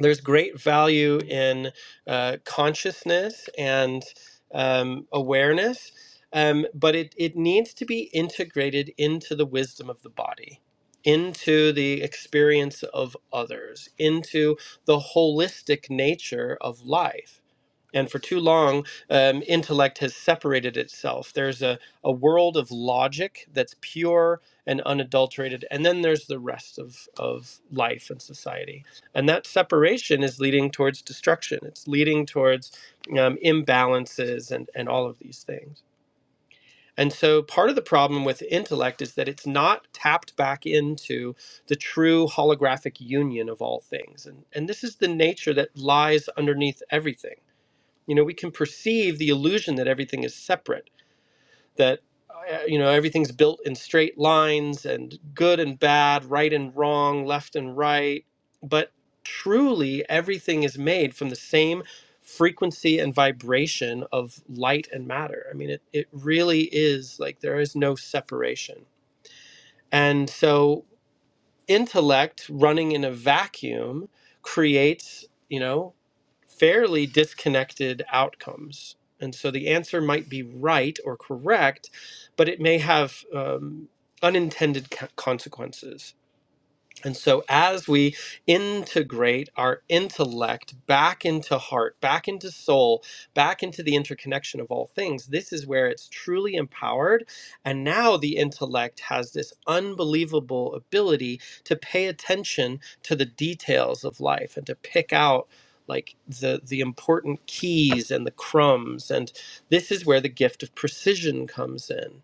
there's great value in uh, consciousness and um, awareness um, but it, it needs to be integrated into the wisdom of the body into the experience of others into the holistic nature of life and for too long, um, intellect has separated itself. There's a, a world of logic that's pure and unadulterated, and then there's the rest of, of life and society. And that separation is leading towards destruction, it's leading towards um, imbalances and, and all of these things. And so, part of the problem with intellect is that it's not tapped back into the true holographic union of all things. And, and this is the nature that lies underneath everything you know we can perceive the illusion that everything is separate that uh, you know everything's built in straight lines and good and bad right and wrong left and right but truly everything is made from the same frequency and vibration of light and matter i mean it, it really is like there is no separation and so intellect running in a vacuum creates you know fairly disconnected outcomes. And so the answer might be right or correct, but it may have um, unintended co- consequences. And so, as we integrate our intellect back into heart, back into soul, back into the interconnection of all things, this is where it's truly empowered. And now the intellect has this unbelievable ability to pay attention to the details of life and to pick out like the the important keys and the crumbs and this is where the gift of precision comes in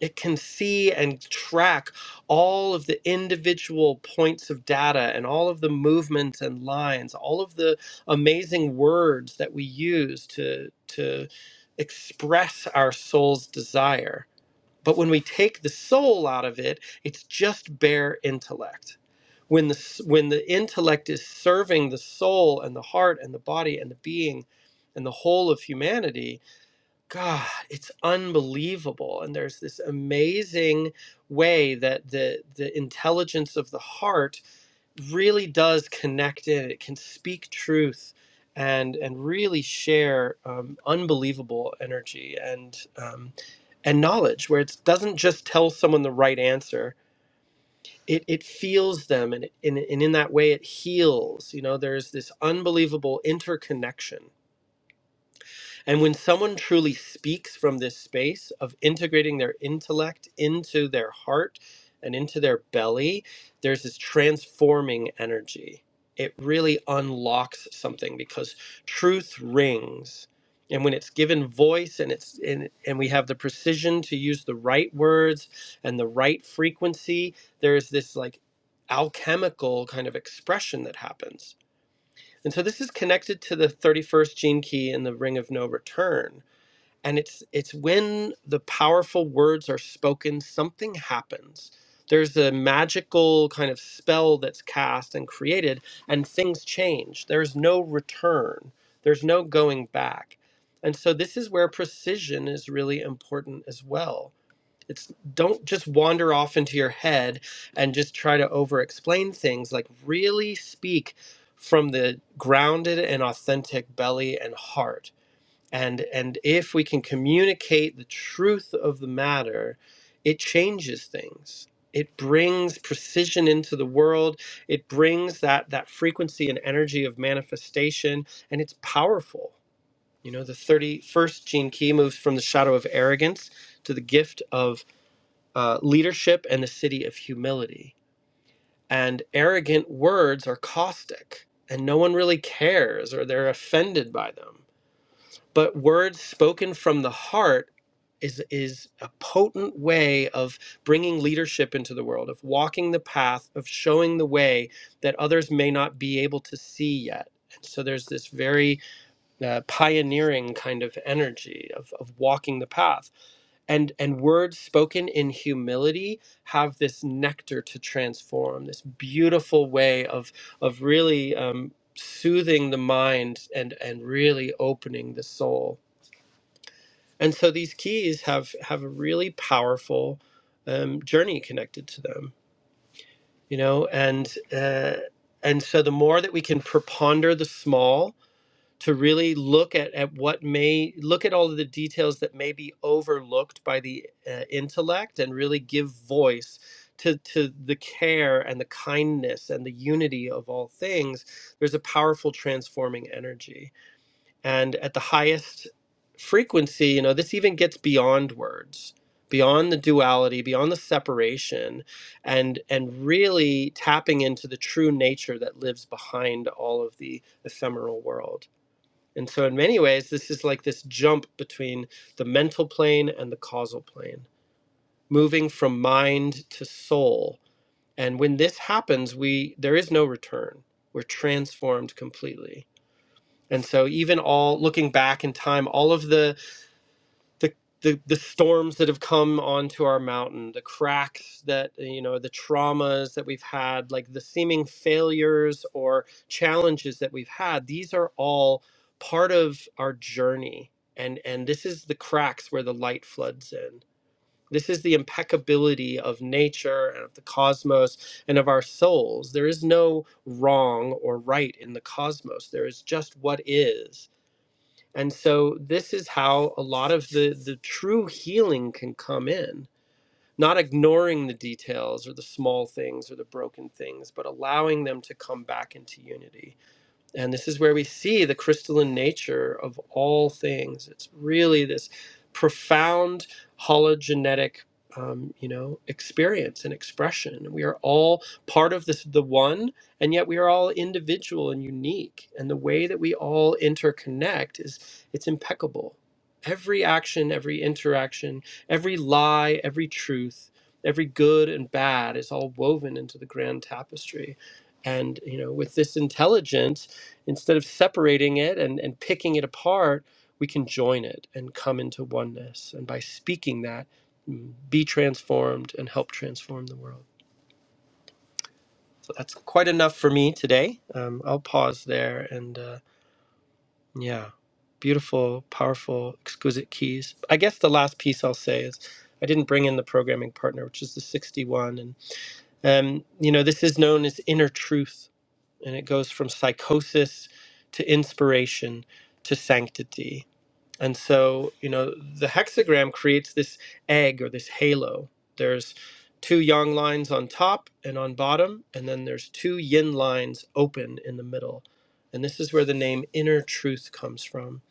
it can see and track all of the individual points of data and all of the movements and lines, all of the amazing words that we use to, to express our soul's desire. But when we take the soul out of it, it's just bare intellect. When the, s- when the intellect is serving the soul and the heart and the body and the being and the whole of humanity, God, it's unbelievable. And there's this amazing way that the the intelligence of the heart really does connect in. It can speak truth and and really share um, unbelievable energy and um, and knowledge where it doesn't just tell someone the right answer. It, it feels them and, it, and, and in that way it heals. You know, there's this unbelievable interconnection and when someone truly speaks from this space of integrating their intellect into their heart and into their belly, there's this transforming energy. It really unlocks something because truth rings. And when it's given voice and it's and, and we have the precision to use the right words and the right frequency, there is this like alchemical kind of expression that happens and so this is connected to the 31st gene key in the ring of no return. And it's it's when the powerful words are spoken, something happens. There's a magical kind of spell that's cast and created, and things change. There's no return. There's no going back. And so this is where precision is really important as well it's don't just wander off into your head and just try to over explain things like really speak from the grounded and authentic belly and heart and and if we can communicate the truth of the matter it changes things it brings precision into the world it brings that that frequency and energy of manifestation and it's powerful you know the 31st gene key moves from the shadow of arrogance to the gift of uh, leadership and the city of humility. And arrogant words are caustic, and no one really cares or they're offended by them. But words spoken from the heart is, is a potent way of bringing leadership into the world, of walking the path, of showing the way that others may not be able to see yet. And so there's this very uh, pioneering kind of energy of, of walking the path and and words spoken in humility have this nectar to transform this beautiful way of of really um, soothing the mind and and really opening the soul and so these keys have have a really powerful um, journey connected to them you know and uh, and so the more that we can preponder the small to really look at, at what may look at all of the details that may be overlooked by the uh, intellect and really give voice to, to the care and the kindness and the unity of all things there's a powerful transforming energy and at the highest frequency you know this even gets beyond words beyond the duality beyond the separation and and really tapping into the true nature that lives behind all of the ephemeral world and so, in many ways, this is like this jump between the mental plane and the causal plane, moving from mind to soul. And when this happens, we there is no return. We're transformed completely. And so, even all looking back in time, all of the the, the the storms that have come onto our mountain, the cracks that uh, you know, the traumas that we've had, like the seeming failures or challenges that we've had, these are all part of our journey. And and this is the cracks where the light floods in. This is the impeccability of nature and of the cosmos and of our souls. There is no wrong or right in the cosmos. There is just what is and so this is how a lot of the the true healing can come in. Not ignoring the details or the small things or the broken things, but allowing them to come back into unity and this is where we see the crystalline nature of all things. It's really this profound hologenetic, um, you know, experience and expression. We are all part of this, the one, and yet we are all individual and unique. And the way that we all interconnect is it's impeccable. Every action, every interaction, every lie, every truth, every good and bad is all woven into the grand tapestry. And you know, with this intelligence instead of separating it and, and picking it apart, we can join it and come into oneness. And by speaking that, mm, be transformed and help transform the world. So that's quite enough for me today. Um, I'll pause there. And uh, yeah, beautiful, powerful, exquisite keys. I guess the last piece I'll say is I didn't bring in the programming partner, which is the 61. And, um, you know, this is known as inner truth. And it goes from psychosis to inspiration to sanctity And so, you know, the hexagram creates this egg or this halo. There's two yang lines on top and on bottom, and then there's two yin lines open in the middle. And this is where the name inner truth comes from.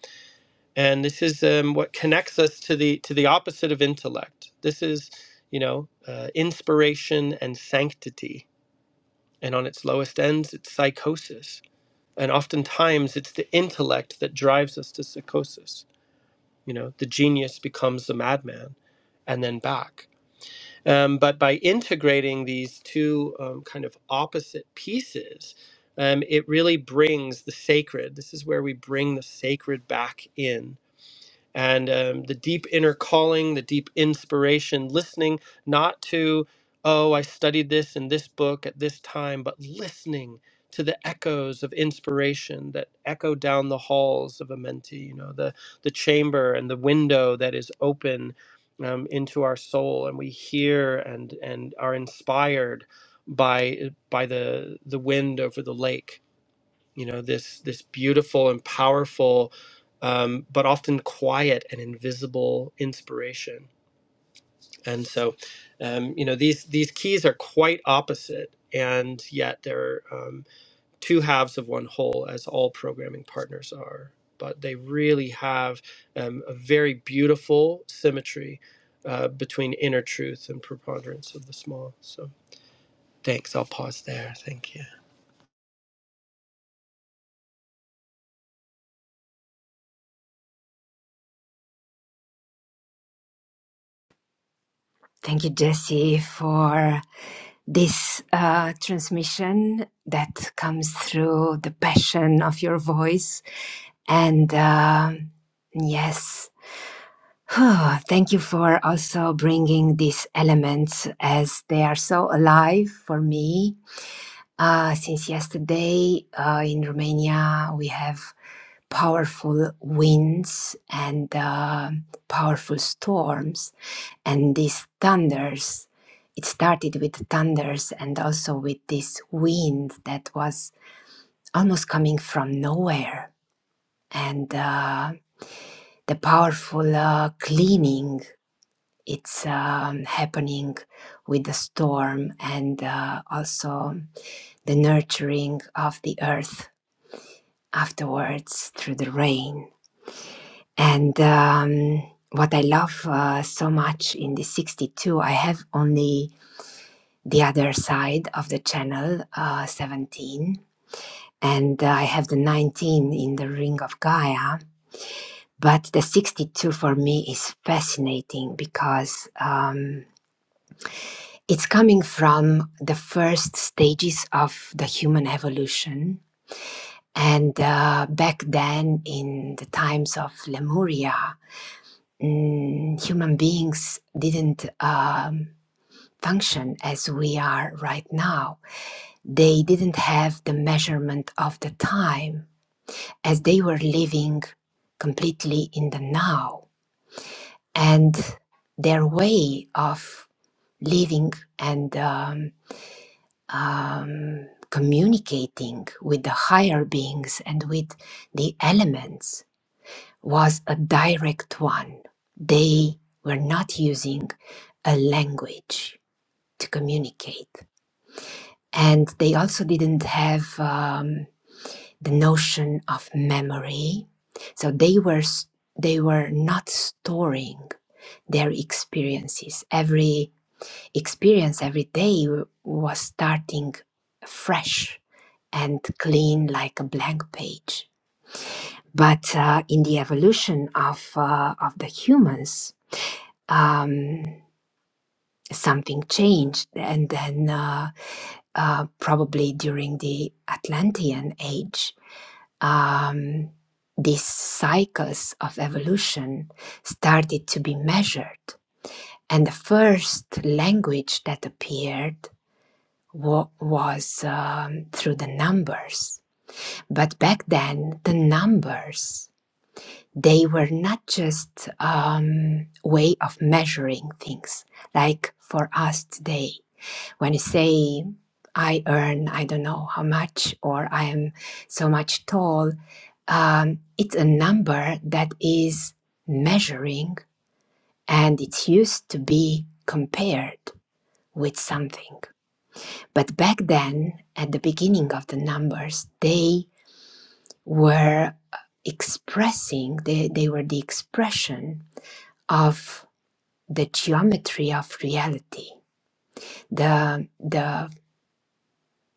And this is um, what connects us to the to the opposite of intellect. This is, you know, uh, inspiration and sanctity. And on its lowest ends, it's psychosis. And oftentimes, it's the intellect that drives us to psychosis you know, the genius becomes the madman and then back. Um, but by integrating these two um, kind of opposite pieces, um, it really brings the sacred. This is where we bring the sacred back in and um, the deep inner calling, the deep inspiration, listening not to, oh, I studied this in this book at this time, but listening to the echoes of inspiration that echo down the halls of a mentee, you know, the, the chamber and the window that is open um, into our soul, and we hear and, and are inspired by by the the wind over the lake you know this this beautiful and powerful um, but often quiet and invisible inspiration and so um, you know these these keys are quite opposite and yet they're um, two halves of one whole as all programming partners are but they really have um, a very beautiful symmetry uh, between inner truth and preponderance of the small so thanks i'll pause there thank you Thank you, Jesse, for this uh, transmission that comes through the passion of your voice. And um yes, thank you for also bringing these elements as they are so alive for me Uh, since yesterday uh, in Romania, we have powerful winds and uh, powerful storms, and these thunders. It started with thunders and also with this wind that was almost coming from nowhere, and uh, the powerful uh, cleaning. It's um, happening with the storm and uh, also the nurturing of the earth afterwards through the rain. And um, what I love uh, so much in the 62, I have only the other side of the channel, uh, 17, and uh, I have the 19 in the Ring of Gaia. But the 62 for me is fascinating because um, it's coming from the first stages of the human evolution. And uh, back then, in the times of Lemuria, mm, human beings didn't um, function as we are right now. They didn't have the measurement of the time as they were living completely in the now. And their way of living and um, um, communicating with the higher beings and with the elements was a direct one. They were not using a language to communicate. And they also didn't have um, the notion of memory. So they were, they were not storing their experiences. Every experience, every day was starting fresh and clean like a blank page. But uh, in the evolution of, uh, of the humans, um, something changed, and then uh, uh, probably during the Atlantean age, um, these cycles of evolution started to be measured. And the first language that appeared wa- was um, through the numbers. But back then, the numbers they were not just um, way of measuring things like for us today when you say I earn I don't know how much or I am so much tall, um, it's a number that is measuring and it's used to be compared with something. But back then, at the beginning of the numbers, they were uh, expressing, they, they were the expression of the geometry of reality, the, the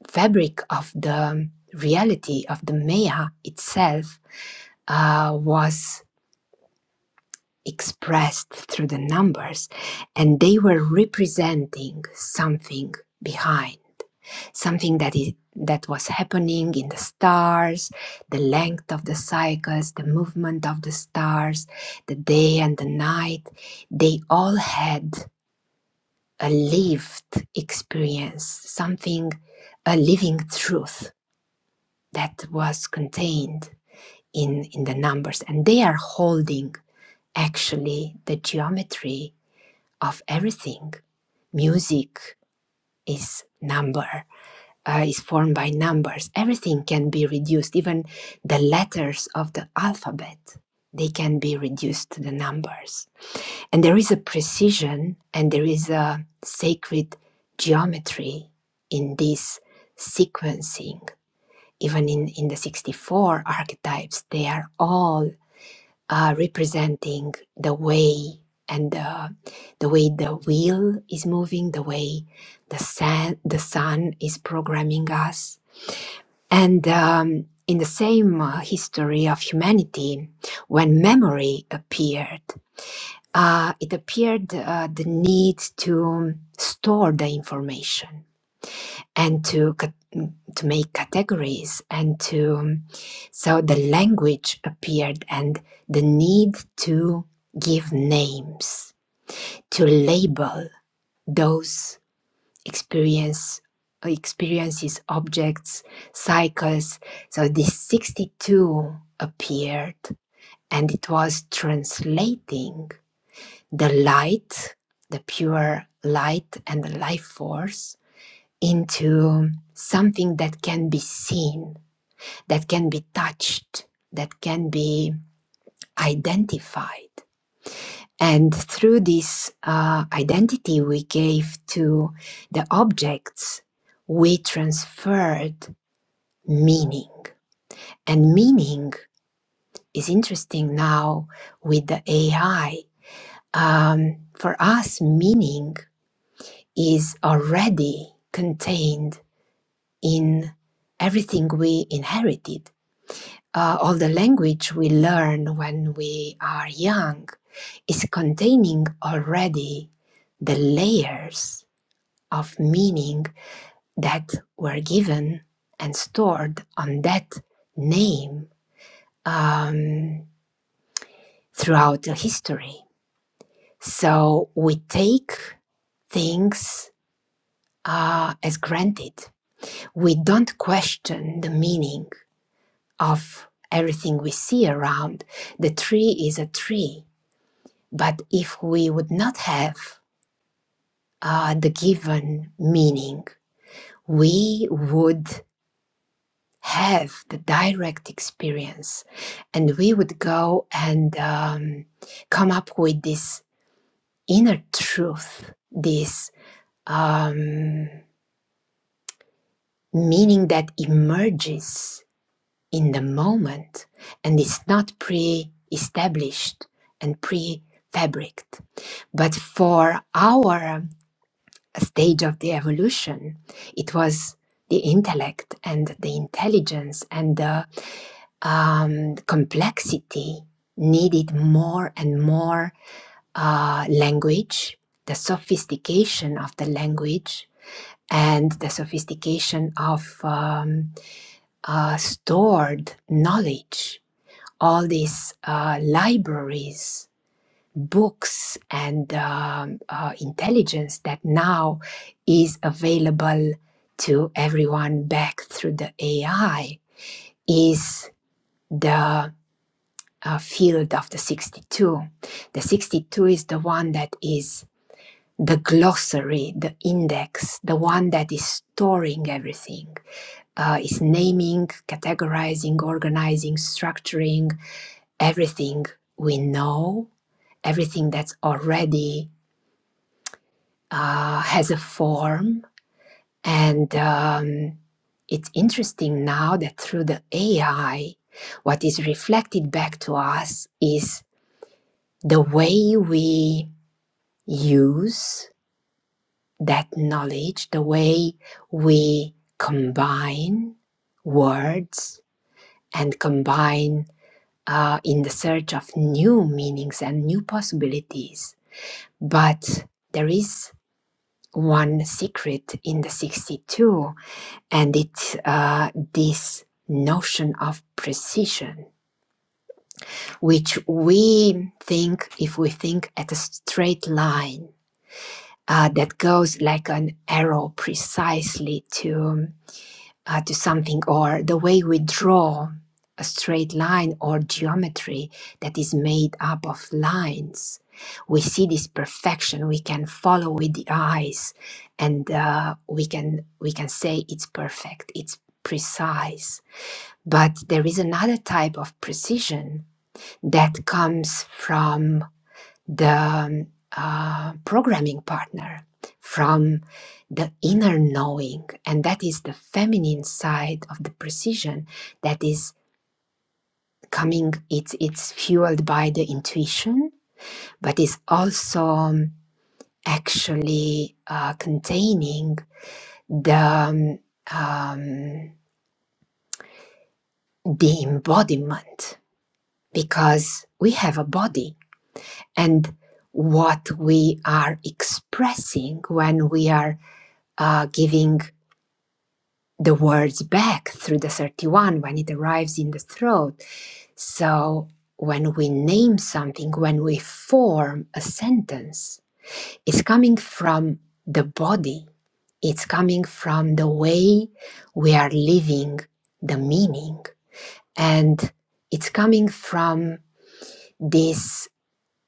fabric of the reality of the Maya itself uh, was expressed through the numbers, and they were representing something behind, something that is that was happening in the stars, the length of the cycles, the movement of the stars, the day and the night. They all had a lived experience, something, a living truth that was contained in, in the numbers and they are holding actually the geometry of everything music is number uh, is formed by numbers everything can be reduced even the letters of the alphabet they can be reduced to the numbers and there is a precision and there is a sacred geometry in this sequencing even in, in the 64 archetypes they are all uh, representing the way and the, the way the wheel is moving, the way the sun, the sun is programming us. And um, in the same uh, history of humanity, when memory appeared, uh, it appeared uh, the need to store the information and to cat- to make categories and to so the language appeared and the need to give names to label those experience experiences objects cycles so this 62 appeared and it was translating the light the pure light and the life force into something that can be seen, that can be touched, that can be identified. And through this uh, identity we gave to the objects, we transferred meaning. And meaning is interesting now with the AI. Um, for us, meaning is already contained in everything we inherited uh, all the language we learn when we are young is containing already the layers of meaning that were given and stored on that name um, throughout the history. So we take things uh, as granted. We don't question the meaning of everything we see around. The tree is a tree But if we would not have uh, the given meaning, we would have the direct experience and we would go and um, come up with this inner truth, this um, meaning that emerges in the moment and is not pre established and pre fabricated. But for our stage of the evolution. It was the intellect and the intelligence and the um, complexity needed more and more uh, language, the sophistication of the language, and the sophistication of um, uh, stored knowledge. All these uh, libraries books and um, uh, intelligence that now is available to everyone back through the AI is the uh, field of the 62. The 62 is the one that is the glossary, the index, the one that is storing everything, uh, is naming, categorizing, organizing, structuring everything we know, everything that's already uh, has a form. And um, it's interesting now that through the AI, what is reflected back to us is the way we use that knowledge, the way we combine words and combine uh, in the search of new meanings and new possibilities. But there is one secret in the 62 And it's uh, this notion of precision, which we think, if we think at a straight line uh, that goes like an arrow precisely to, uh, to something, or the way we draw a straight line or geometry that is made up of lines. We see this perfection. We can follow with the eyes, and uh, we can we can say it's perfect. It's precise But there is another type of precision that comes from the um, uh, programming partner, from the inner knowing, and that is the feminine side of the precision that is coming. It's it's fueled by the intuition, but is also um, actually uh, containing the um, um, the embodiment because we have a body and what we are expressing when we are uh, giving the words back through the 31 when it arrives in the throat. So, when we name something, when we form a sentence, it's coming from the body, it's coming from the way we are living the meaning, and it's coming from this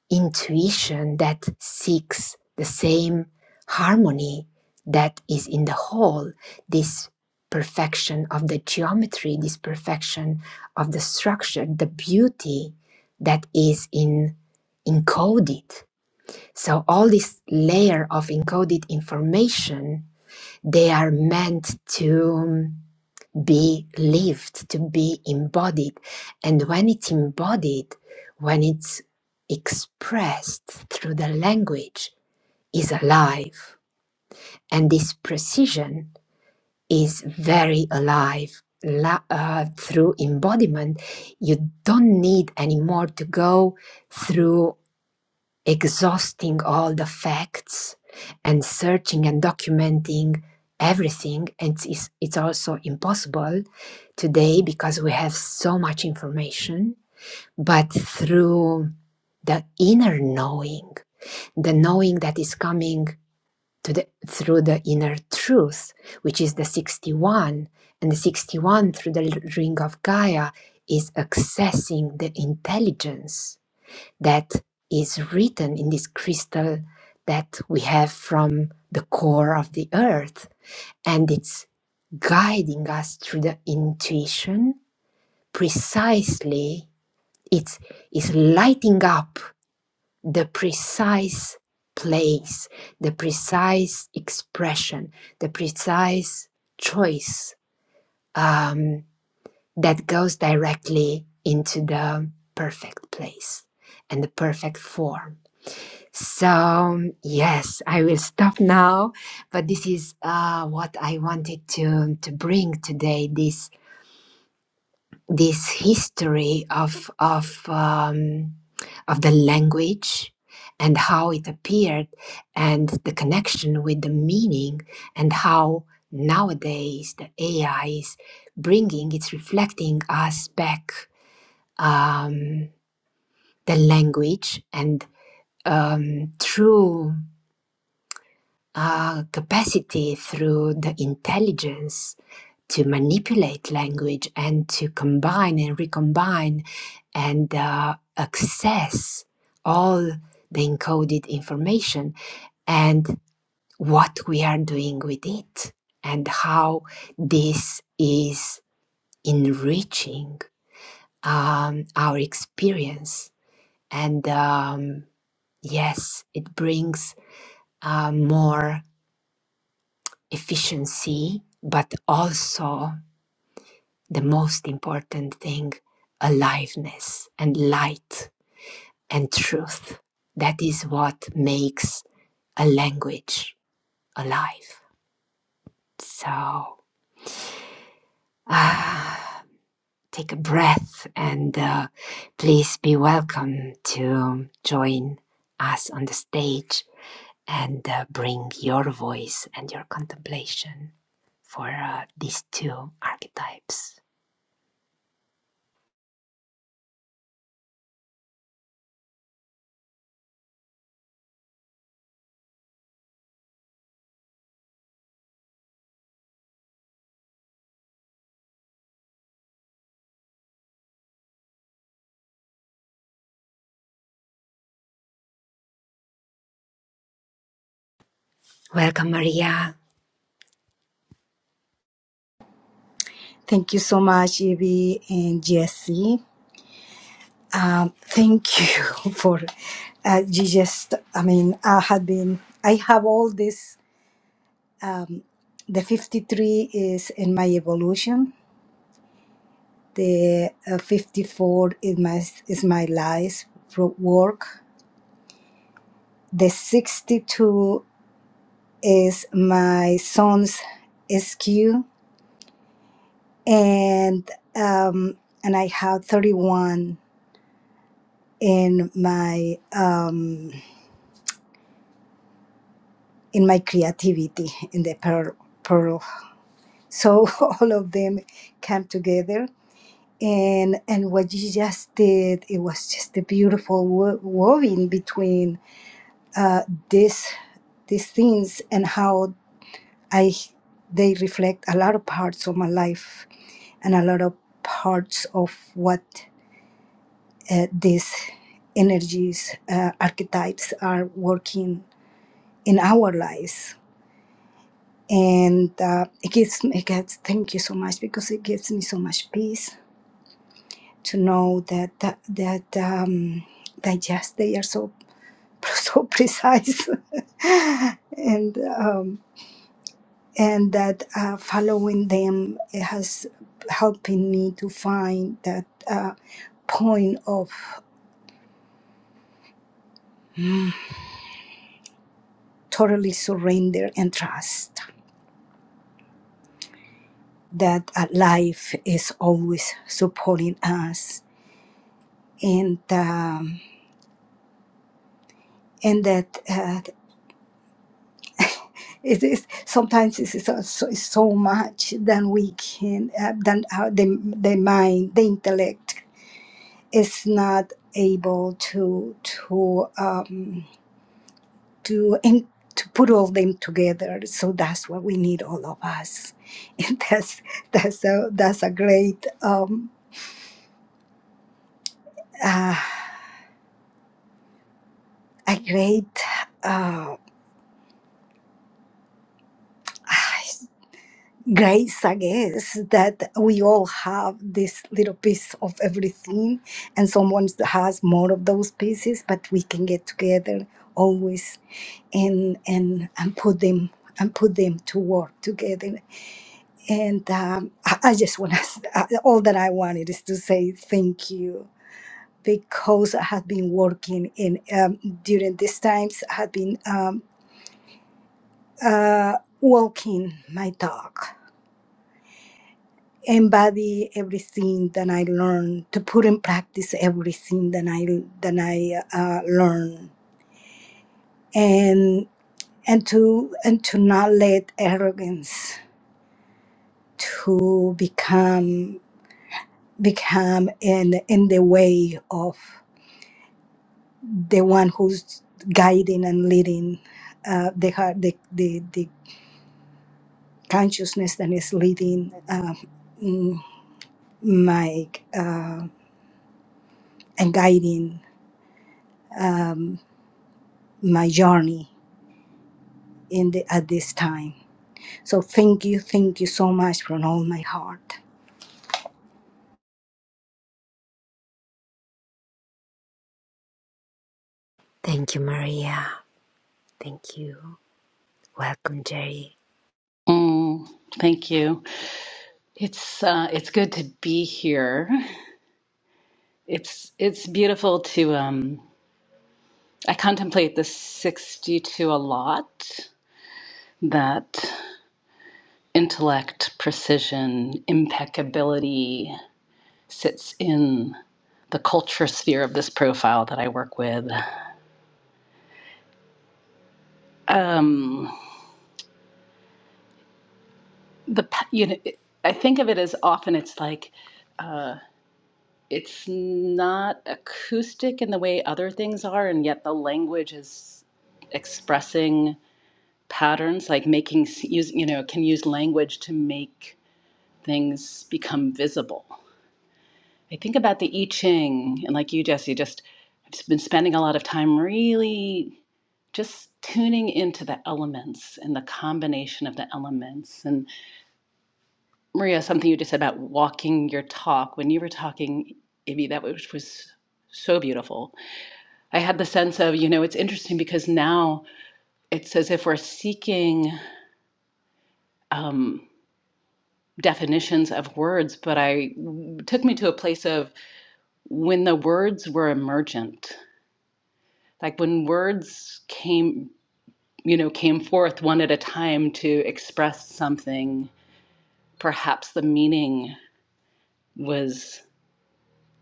intuition that seeks the same harmony that is in the whole, this perfection of the geometry, this perfection of the structure, the beauty that is in encoded. So all this layer of encoded information, they are meant to um, be lived, to be embodied. And when it's embodied, when it's expressed through the language, is alive. And this precision is very alive. La- uh, through embodiment, you don't need anymore to go through exhausting all the facts and searching and documenting everything and it's, it's also impossible today because we have so much information but through the inner knowing the knowing that is coming to the through the inner truth which is the 61 and the 61 through the ring of gaia is accessing the intelligence that is written in this crystal that we have from the core of the earth. And it's guiding us through the intuition precisely. It's, it's lighting up the precise place, the precise expression, the precise choice um, that goes directly into the perfect place and the perfect form So, yes, I will stop now, but this is uh, what I wanted to, to bring today this, this history of, of, um, of the language and how it appeared, and the connection with the meaning, and how nowadays the AI is bringing, it's reflecting us back um, the language and um, through. uh, capacity through the intelligence to manipulate language and to combine and recombine and uh, access all the encoded information and what we are doing with it and how this is enriching um, our experience and um, yes it brings uh, more efficiency, but also the most important thing, aliveness and light and truth. That is what makes a language alive. So, ah, take a breath and uh, please be welcome to join us on the stage and uh, bring your voice and your contemplation for uh, these two archetypes. Welcome, Maria. Thank you so much, Evie and Jesse. Um, thank you for uh, you just. I mean, I had been. I have all this. Um, the fifty-three is in my evolution. The uh, fifty-four is my is my life pro- work. The sixty-two is my son's SQ, and um, and I have thirty-one in my um in my creativity in the pearl, pearl. So all of them came together. And, and what you just did, it was just a beautiful wo- woven between uh, this, these things and how I they reflect a lot of parts of my life and a lot of parts of what uh, these energies, uh, archetypes are working in our lives and uh, it gives me it gets thank you so much because it gives me so much peace to know that that, that um that yes they are so so precise and um and that uh, following them has helping me to find that uh, point of mm, totally surrender and trust that uh, life is always supporting us and um, and that uh, It is sometimes it's, it's, so, it's so much than we can uh, than our, the the mind the intellect is not able to to um, to in, to put all them together. So that's what we need all of us. And that's that's a that's a great um, uh, a great. Uh, grace, I guess, that we all have this little piece of everything, and someone has more of those pieces, but we can get together always and and and put them and put them to work together. And um, I, I just want to all that I wanted is to say thank you because I had been working in um, during these times. I had been um, uh, walking my dog embody everything that I learn, to put in practice everything that I that I uh, learn, and and to and to not let arrogance to become become in in the way of the one who's guiding and leading uh, the heart, the, the the consciousness that is leading uh, mm, my uh, and guiding um, my journey in the, at this time. So thank you, thank you so much from all my heart. Thank you, Maria. Thank you. Welcome, Jerry. Mm, thank you. It's uh, it's good to be here. It's it's beautiful to um, I contemplate the 62 a lot. That intellect, precision, impeccability sits in the culture sphere of this profile that I work with. Um, the pa- you know, I think of it as often it's like uh, it's not acoustic in the way other things are, and yet the language is expressing patterns, like making use, you know, can use language to make things become visible. I think about the I Ching, and like you, Jesse, just I've just been spending a lot of time really just tuning into the elements and the combination of the elements. And Maria, something you just said about walking your talk when you were talking, Ivy, that was was so beautiful I had the sense of, you know, it's interesting because now it's as if we're seeking um, definitions of words, but I it took me to a place of when the words were emergent, like when words came, you know, came forth one at a time to express something, perhaps the meaning was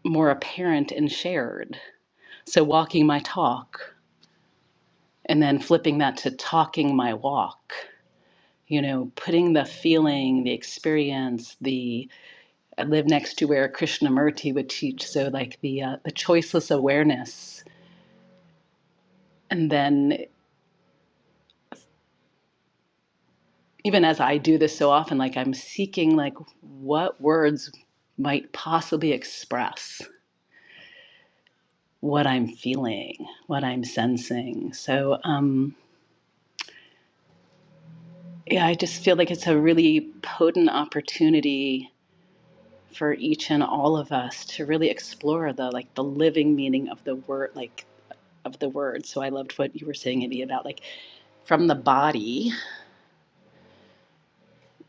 more apparent and shared. So walking my talk and then flipping that to talking my walk you know, putting the feeling, the experience, the I live next to where Krishnamurti would teach. So like the uh, the choiceless awareness, and then even as I do this so often, like I'm seeking like what words might possibly express what I'm feeling, what I'm sensing. So um, yeah, I just feel like it's a really potent opportunity for each and all of us to really explore the like the living meaning of the word like of the word. So I loved what you were saying, Eddie, about like from the body,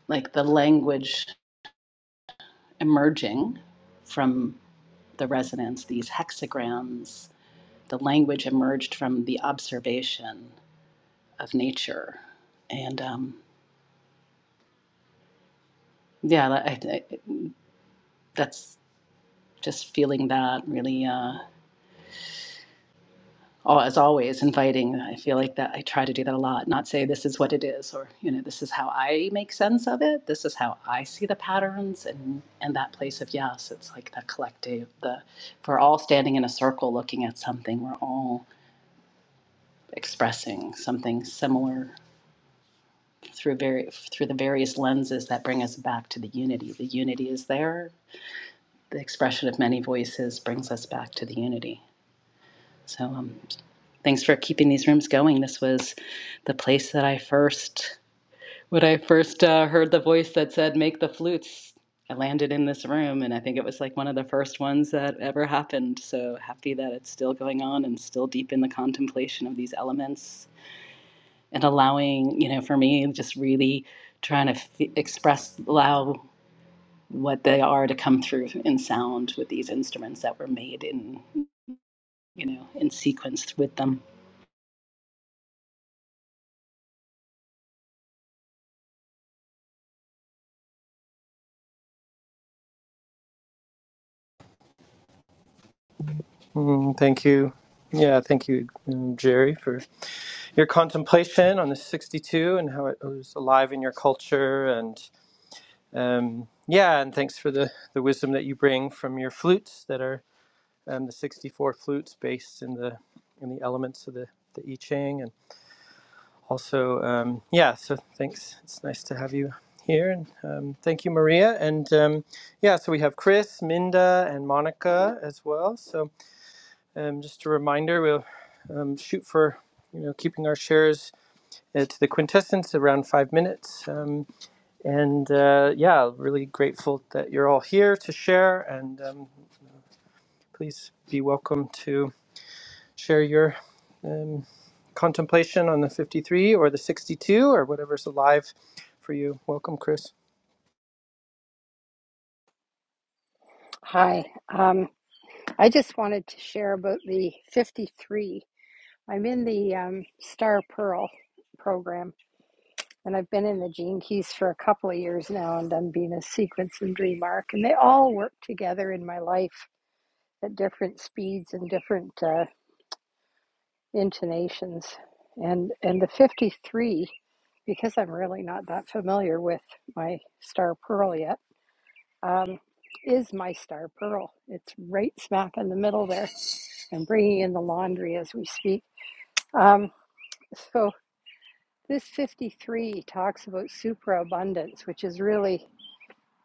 like the language emerging from the resonance, these hexagrams, the language emerged from the observation of nature. And um, yeah, I, I, that's just feeling that really. Uh, Oh, as always, inviting. I feel like that I try to do that a lot, not say this is what it is or, you know, this is how I make sense of it. This is how I see the patterns and and that place of yes. It's like the collective, the if we're all standing in a circle looking at something, we're all expressing something similar through very through the various lenses that bring us back to the unity. The unity is there. The expression of many voices brings us back to the unity. So um, Thanks for keeping these rooms going. This was the place that I first, when I first uh, heard the voice that said, make the flutes. I landed in this room, and I think it was like one of the first ones that ever happened. So happy that it's still going on and still deep in the contemplation of these elements and allowing, you know, for me, just really trying to f- express, allow what they are to come through in sound with these instruments that were made in, you know, in sequence with them. Mm, thank you. Yeah, thank you, um, Jerry, for your contemplation on the 62 and how it was alive in your culture and um, yeah and thanks for the, the wisdom that you bring from your flutes that are um, the 64 flutes based in the in the elements of the, the i ching and also um, yeah so thanks it's nice to have you here and um, thank you maria and um, yeah so we have chris minda and monica as well so um, just a reminder we'll um, shoot for you know keeping our shares It's the quintessence around five minutes. Um, and uh, yeah, really grateful that you're all here to share. And um, please be welcome to share your um, contemplation on the 53 or the 62 or whatever's alive for you. Welcome, Chris. Hi. Um, I just wanted to share about the 53. I'm in the um, Star Pearl program, and I've been in the Gene Keys for a couple of years now, and I'm being a sequence and dream arc, and they all work together in my life at different speeds and different uh, intonations. And and the 53, because I'm really not that familiar with my Star Pearl yet um, is my star pearl. It's right smack in the middle there. I'm bringing in the laundry as we speak. Um, so, this 53 talks about superabundance, which is really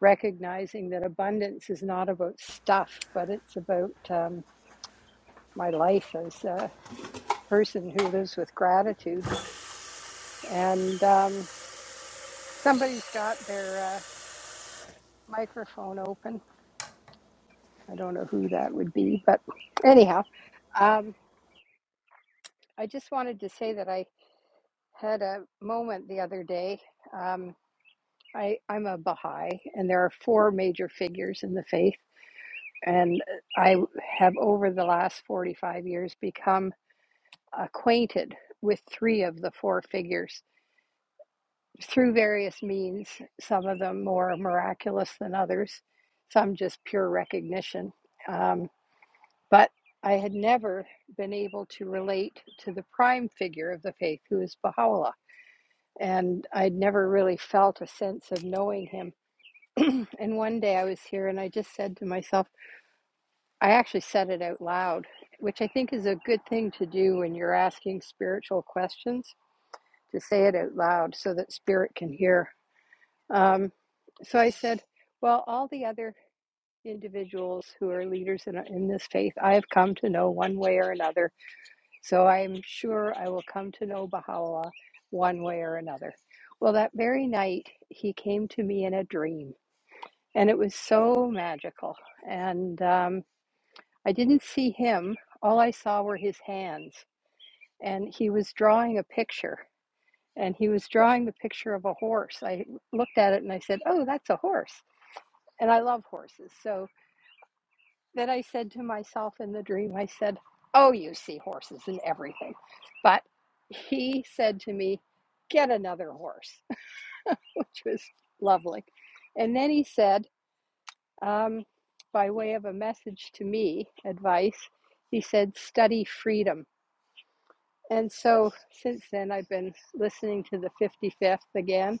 recognizing that abundance is not about stuff, but it's about um, my life as a person who lives with gratitude. And um, somebody's got their uh, microphone open. I don't know who that would be, but anyhow. um, I just wanted to say that I had a moment the other day. Um, I, I'm a Baha'i, and there are four major figures in the faith. And I have, over the last 45 years, become acquainted with three of the four figures through various means, some of them more miraculous than others, some just pure recognition. Um, but I had never been able to relate to the prime figure of the faith, who is Baha'u'llah. and I'd never really felt a sense of knowing him. And one day I was here and I just said to myself, I actually said it out loud, which I think is a good thing to do when you're asking spiritual questions, to say it out loud so that spirit can hear. Um, so I said, Well, all the other individuals who are leaders in, in this faith, I have come to know one way or another So I'm sure I will come to know Baha'u'llah one way or another. Well, that very night, he came to me in a dream, and it was so magical. And um, I didn't see him, all I saw were his hands. And he was drawing a picture, and he was drawing the picture of a horse. I looked at it and I said, Oh, that's a horse. And I love horses. So That I said to myself in the dream, I said, Oh, you see horses and everything. But he said to me, Get another horse, which was lovely. And then he said, um, by way of a message to me, advice, he said, Study freedom. And so since then, I've been listening to the 55th again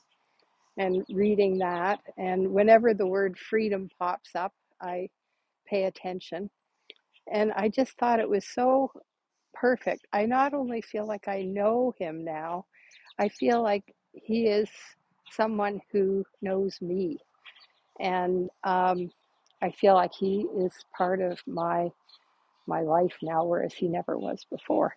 and reading that. And whenever the word freedom pops up, I pay attention And I just thought it was so perfect. I not only feel like I know him now, I feel like he is someone who knows me. And um, I feel like he is part of my my life now, whereas he never was before.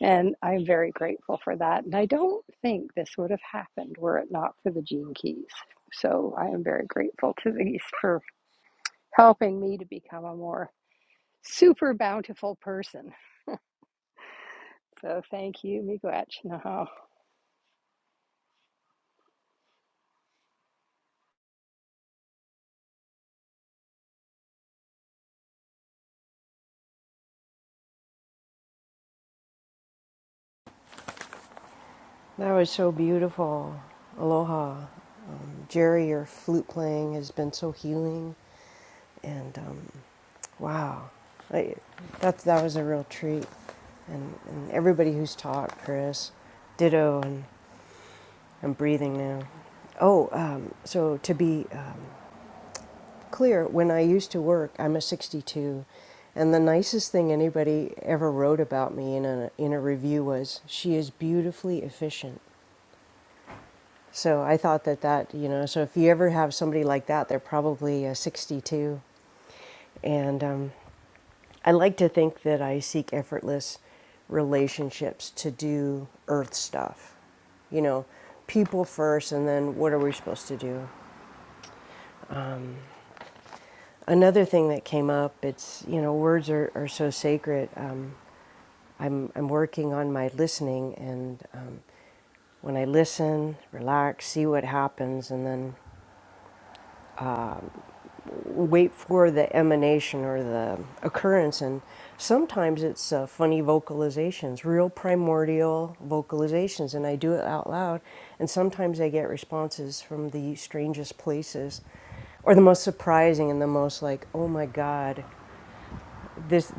And I'm very grateful for that. And I don't think this would have happened were it not for the gene keys. So I am very grateful to these for helping me to become a more super bountiful person. So thank you, Miigwech. Naham. That was so beautiful. Aloha. Jerry, your flute playing has been so healing. And um, wow, I, that, that was a real treat. And, and everybody who's taught, Chris, ditto, and I'm breathing now. Oh, um, so to be um, clear, when I used to work, I'm a 62. And the nicest thing anybody ever wrote about me in a, in a review was, she is beautifully efficient. So I thought that that, you know, so if you ever have somebody like that, they're probably uh, 62. And um, I like to think that I seek effortless relationships to do earth stuff, you know, people first, and then what are we supposed to do? Another thing that came up, it's, you know, words are, are so sacred. Um, I'm, I'm working on my listening, and um, when I listen, relax, see what happens, and then wait for the emanation or the occurrence and sometimes it's uh, funny vocalizations real primordial vocalizations and i do it out loud and sometimes i get responses from the strangest places or the most surprising and the most like oh my god this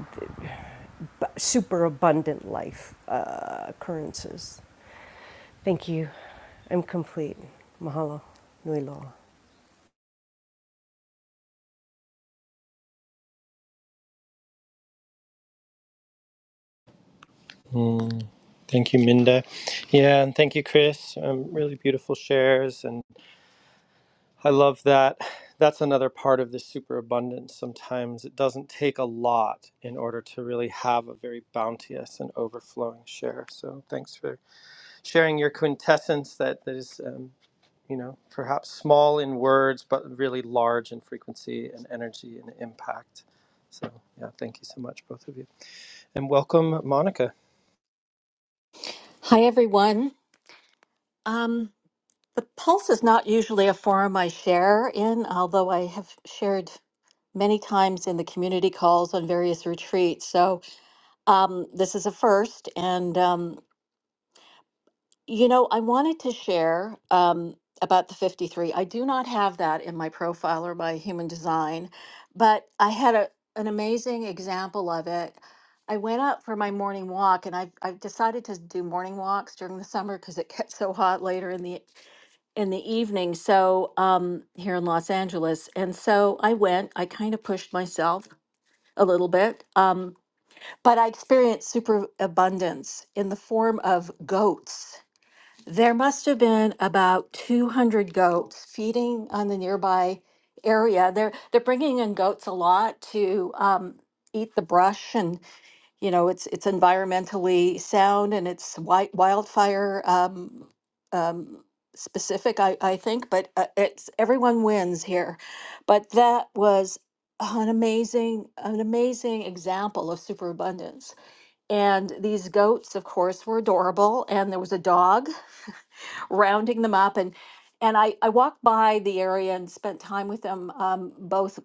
super abundant life uh, occurrences thank you i'm complete mahalo nui loa Mm, thank you, Minda. Yeah, and thank you, Chris. Um, really beautiful shares. And. I love that. That's another part of the superabundance. Sometimes it doesn't take a lot in order to really have a very bounteous and overflowing share. So thanks for sharing your quintessence that, that is, um, you know, perhaps small in words, but really large in frequency and energy and impact. So, yeah, thank you so much, both of you. And welcome, Monica. Hi, everyone. Um, the Pulse is not usually a forum I share in, although I have shared many times in the community calls on various retreats. So um, this is a first. And, um, you know, I wanted to share um, about the 53. I do not have that in my profile or my human design, but I had a, an amazing example of it. I went up for my morning walk, and I've I've decided to do morning walks during the summer because it gets so hot later in the in the evening. So um, here in Los Angeles, and so I went. I kind of pushed myself a little bit, um, but I experienced super abundance in the form of goats. There must have been about 200 goats feeding on the nearby area. They're they're bringing in goats a lot to um, eat the brush and you know, it's it's environmentally sound and it's wi- wildfire um, um, specific, I, I think. But uh, it's everyone wins here. But that was an amazing an amazing example of superabundance. And these goats, of course, were adorable. And there was a dog rounding them up and. And I, I walked by the area and spent time with them, um, both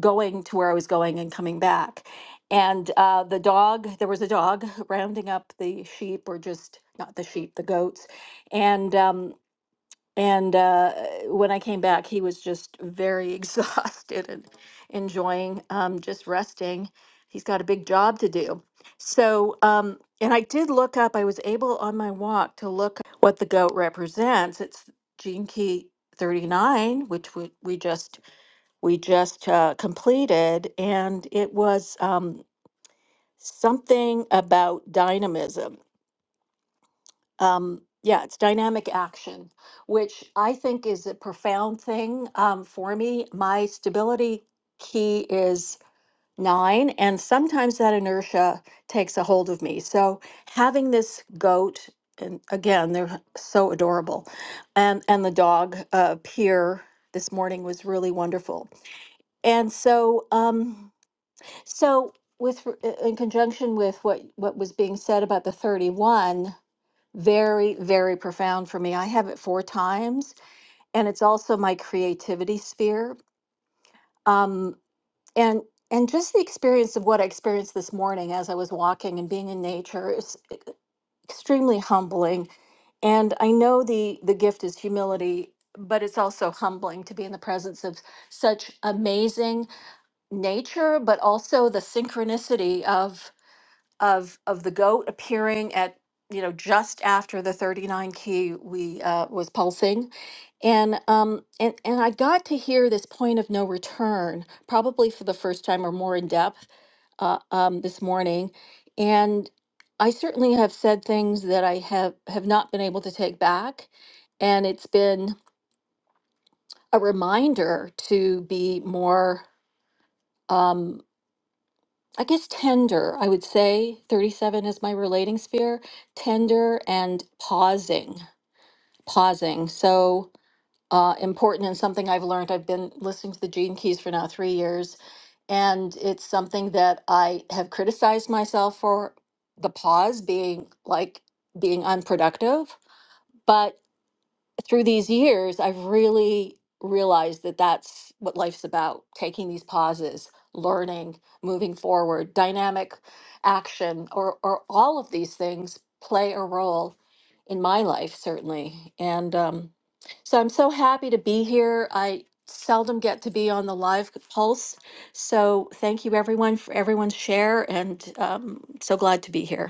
going to where I was going and coming back. And uh, the dog, there was a dog rounding up the sheep, or just not the sheep, the goats. And um, and uh, when I came back, he was just very exhausted and enjoying um, just resting. He's got a big job to do. So, um, and I did look up, I was able on my walk to look what the goat represents. It's gene key 39, which we, we just we just uh, completed, and it was um, something about dynamism um, yeah, it's dynamic action, which I think is a profound thing um, for me. My stability key is nine, and sometimes that inertia takes a hold of me. So having this goat, and again, they're so adorable, and and the dog uh, Pier this morning was really wonderful. And so, um, so with uh, in conjunction with what what was being said about the thirty one very, very profound for me. I have it four times, and it's also my creativity sphere. Um, and and just the experience of what I experienced this morning as I was walking and being in nature is extremely humbling. And I know the the gift is humility, but it's also humbling to be in the presence of such amazing nature, but also the synchronicity of of of the goat appearing at you know just after the 39 key we uh, was pulsing and um and and i got to hear this point of no return probably for the first time or more in depth uh, um, this morning and i certainly have said things that i have have not been able to take back and it's been a reminder to be more Um, I guess tender, I would say 37 is my relating sphere, tender and pausing, pausing. So uh, important and something I've learned. I've been listening to the Gene Keys for now three years, and it's something that I have criticized myself for the pause being like being unproductive. but through these years, I've really realized that that's what life's about taking these pauses, learning, moving forward, dynamic action, or, or all of these things play a role in my life, certainly. And um, so I'm so happy to be here. I seldom get to be on the live pulse. So thank you, everyone, for everyone's share, and um, so glad to be here.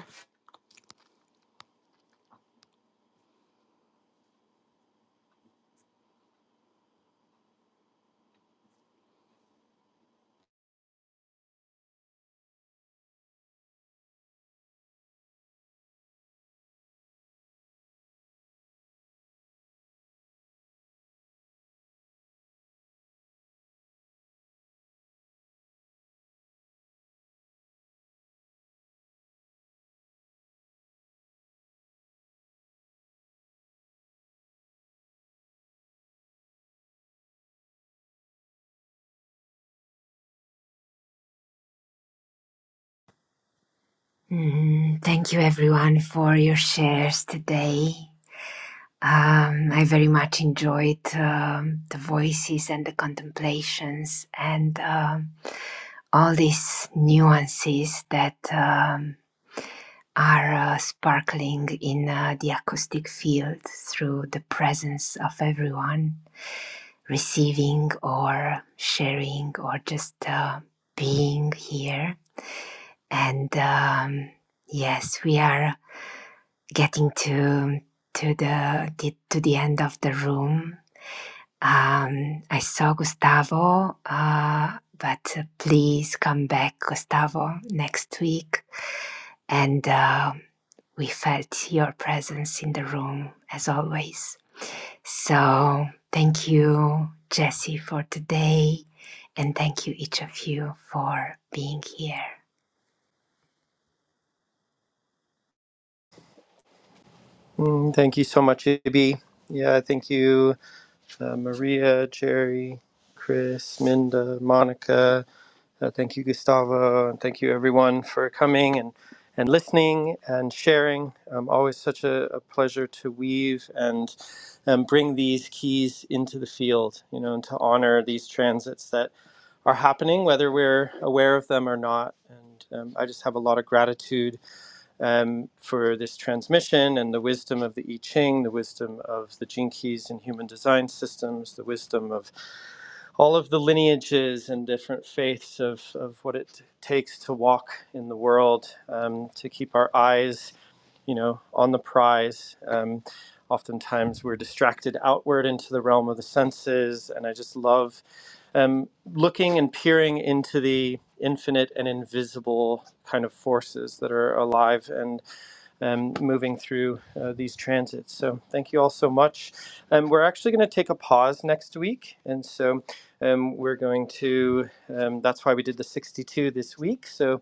Mhm. Thank you, everyone, for your shares today. Um, I very much enjoyed um, the voices and the contemplations and um, all these nuances that um, are uh, sparkling in uh, the acoustic field through the presence of everyone. receiving or sharing or just uh, being here. And um, yes, we are getting to to the, to the end of the room. Um, I saw Gustavo, uh, but uh, please come back, Gustavo, next week. And uh, we felt your presence in the room as always. So thank you, Jesse, for today. And thank you, each of you, for being here. Mm, thank you so much, AB. Yeah, thank you, uh, Maria, Jerry, Chris, Minda, Monica. Uh, thank you, Gustavo, and thank you everyone for coming and, and listening and sharing. Um, always such a, a pleasure to weave and um, bring these keys into the field, you know, and to honor these transits that are happening, whether we're aware of them or not. And um, I just have a lot of gratitude um, for this transmission and the wisdom of the I Ching, the wisdom of the Gene Keys in human design systems, the wisdom of all of the lineages and different faiths of, of what it takes to walk in the world, um, to keep our eyes, you know, on the prize. Um, oftentimes we're distracted outward into the realm of the senses, and I just love um, looking and peering into the infinite and invisible kind of forces that are alive and um, moving through uh, these transits. So thank you all so much. Um, we're actually going to take a pause next week, and so um, we're going to. Um, that's why we did the 62 this week. So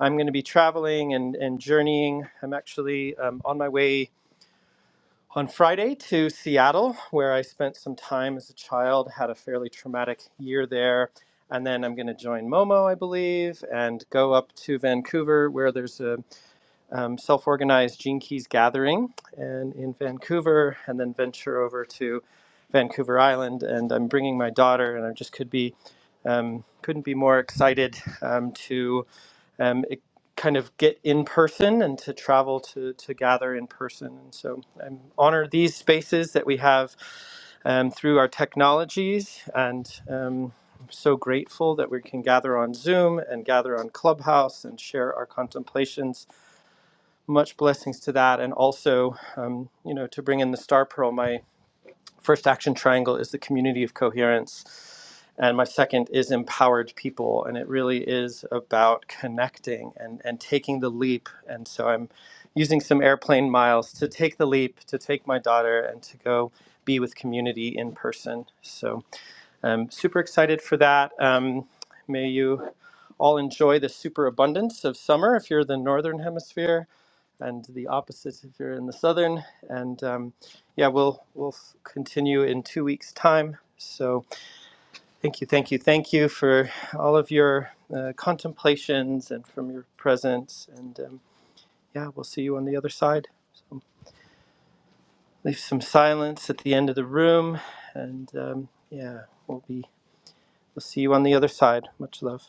I'm going to be traveling and and journeying. I'm actually um, on my way. On Friday to Seattle, where I spent some time as a child, had a fairly traumatic year there, and then I'm going to join Momo, I believe, and go up to Vancouver, where there's a um, self organized Gene Keys gathering and in Vancouver, and then venture over to Vancouver Island. And I'm bringing my daughter, and I just could be um, couldn't be more excited um, to um, e- kind of get in person and to travel to to gather in person. And so I'm honored these spaces that we have um, through our technologies and. Um, I'm so grateful that we can gather on Zoom and gather on Clubhouse and share our contemplations much blessings to that and also um, you know to bring in the star pearl my first action triangle is the community of coherence and my second is empowered people and it really is about connecting and and taking the leap and so i'm using some airplane miles to take the leap to take my daughter and to go be with community in person so I'm super excited for that. Um, may you all enjoy the superabundance of summer if you're in the northern hemisphere, and the opposite if you're in the southern. And um, yeah, we'll we'll continue in two weeks' time. So thank you, thank you, thank you for all of your uh, contemplations and from your presence. And um, yeah, we'll see you on the other side. So leave some silence at the end of the room, and um, yeah, we'll be we'll see you on the other side. Much love.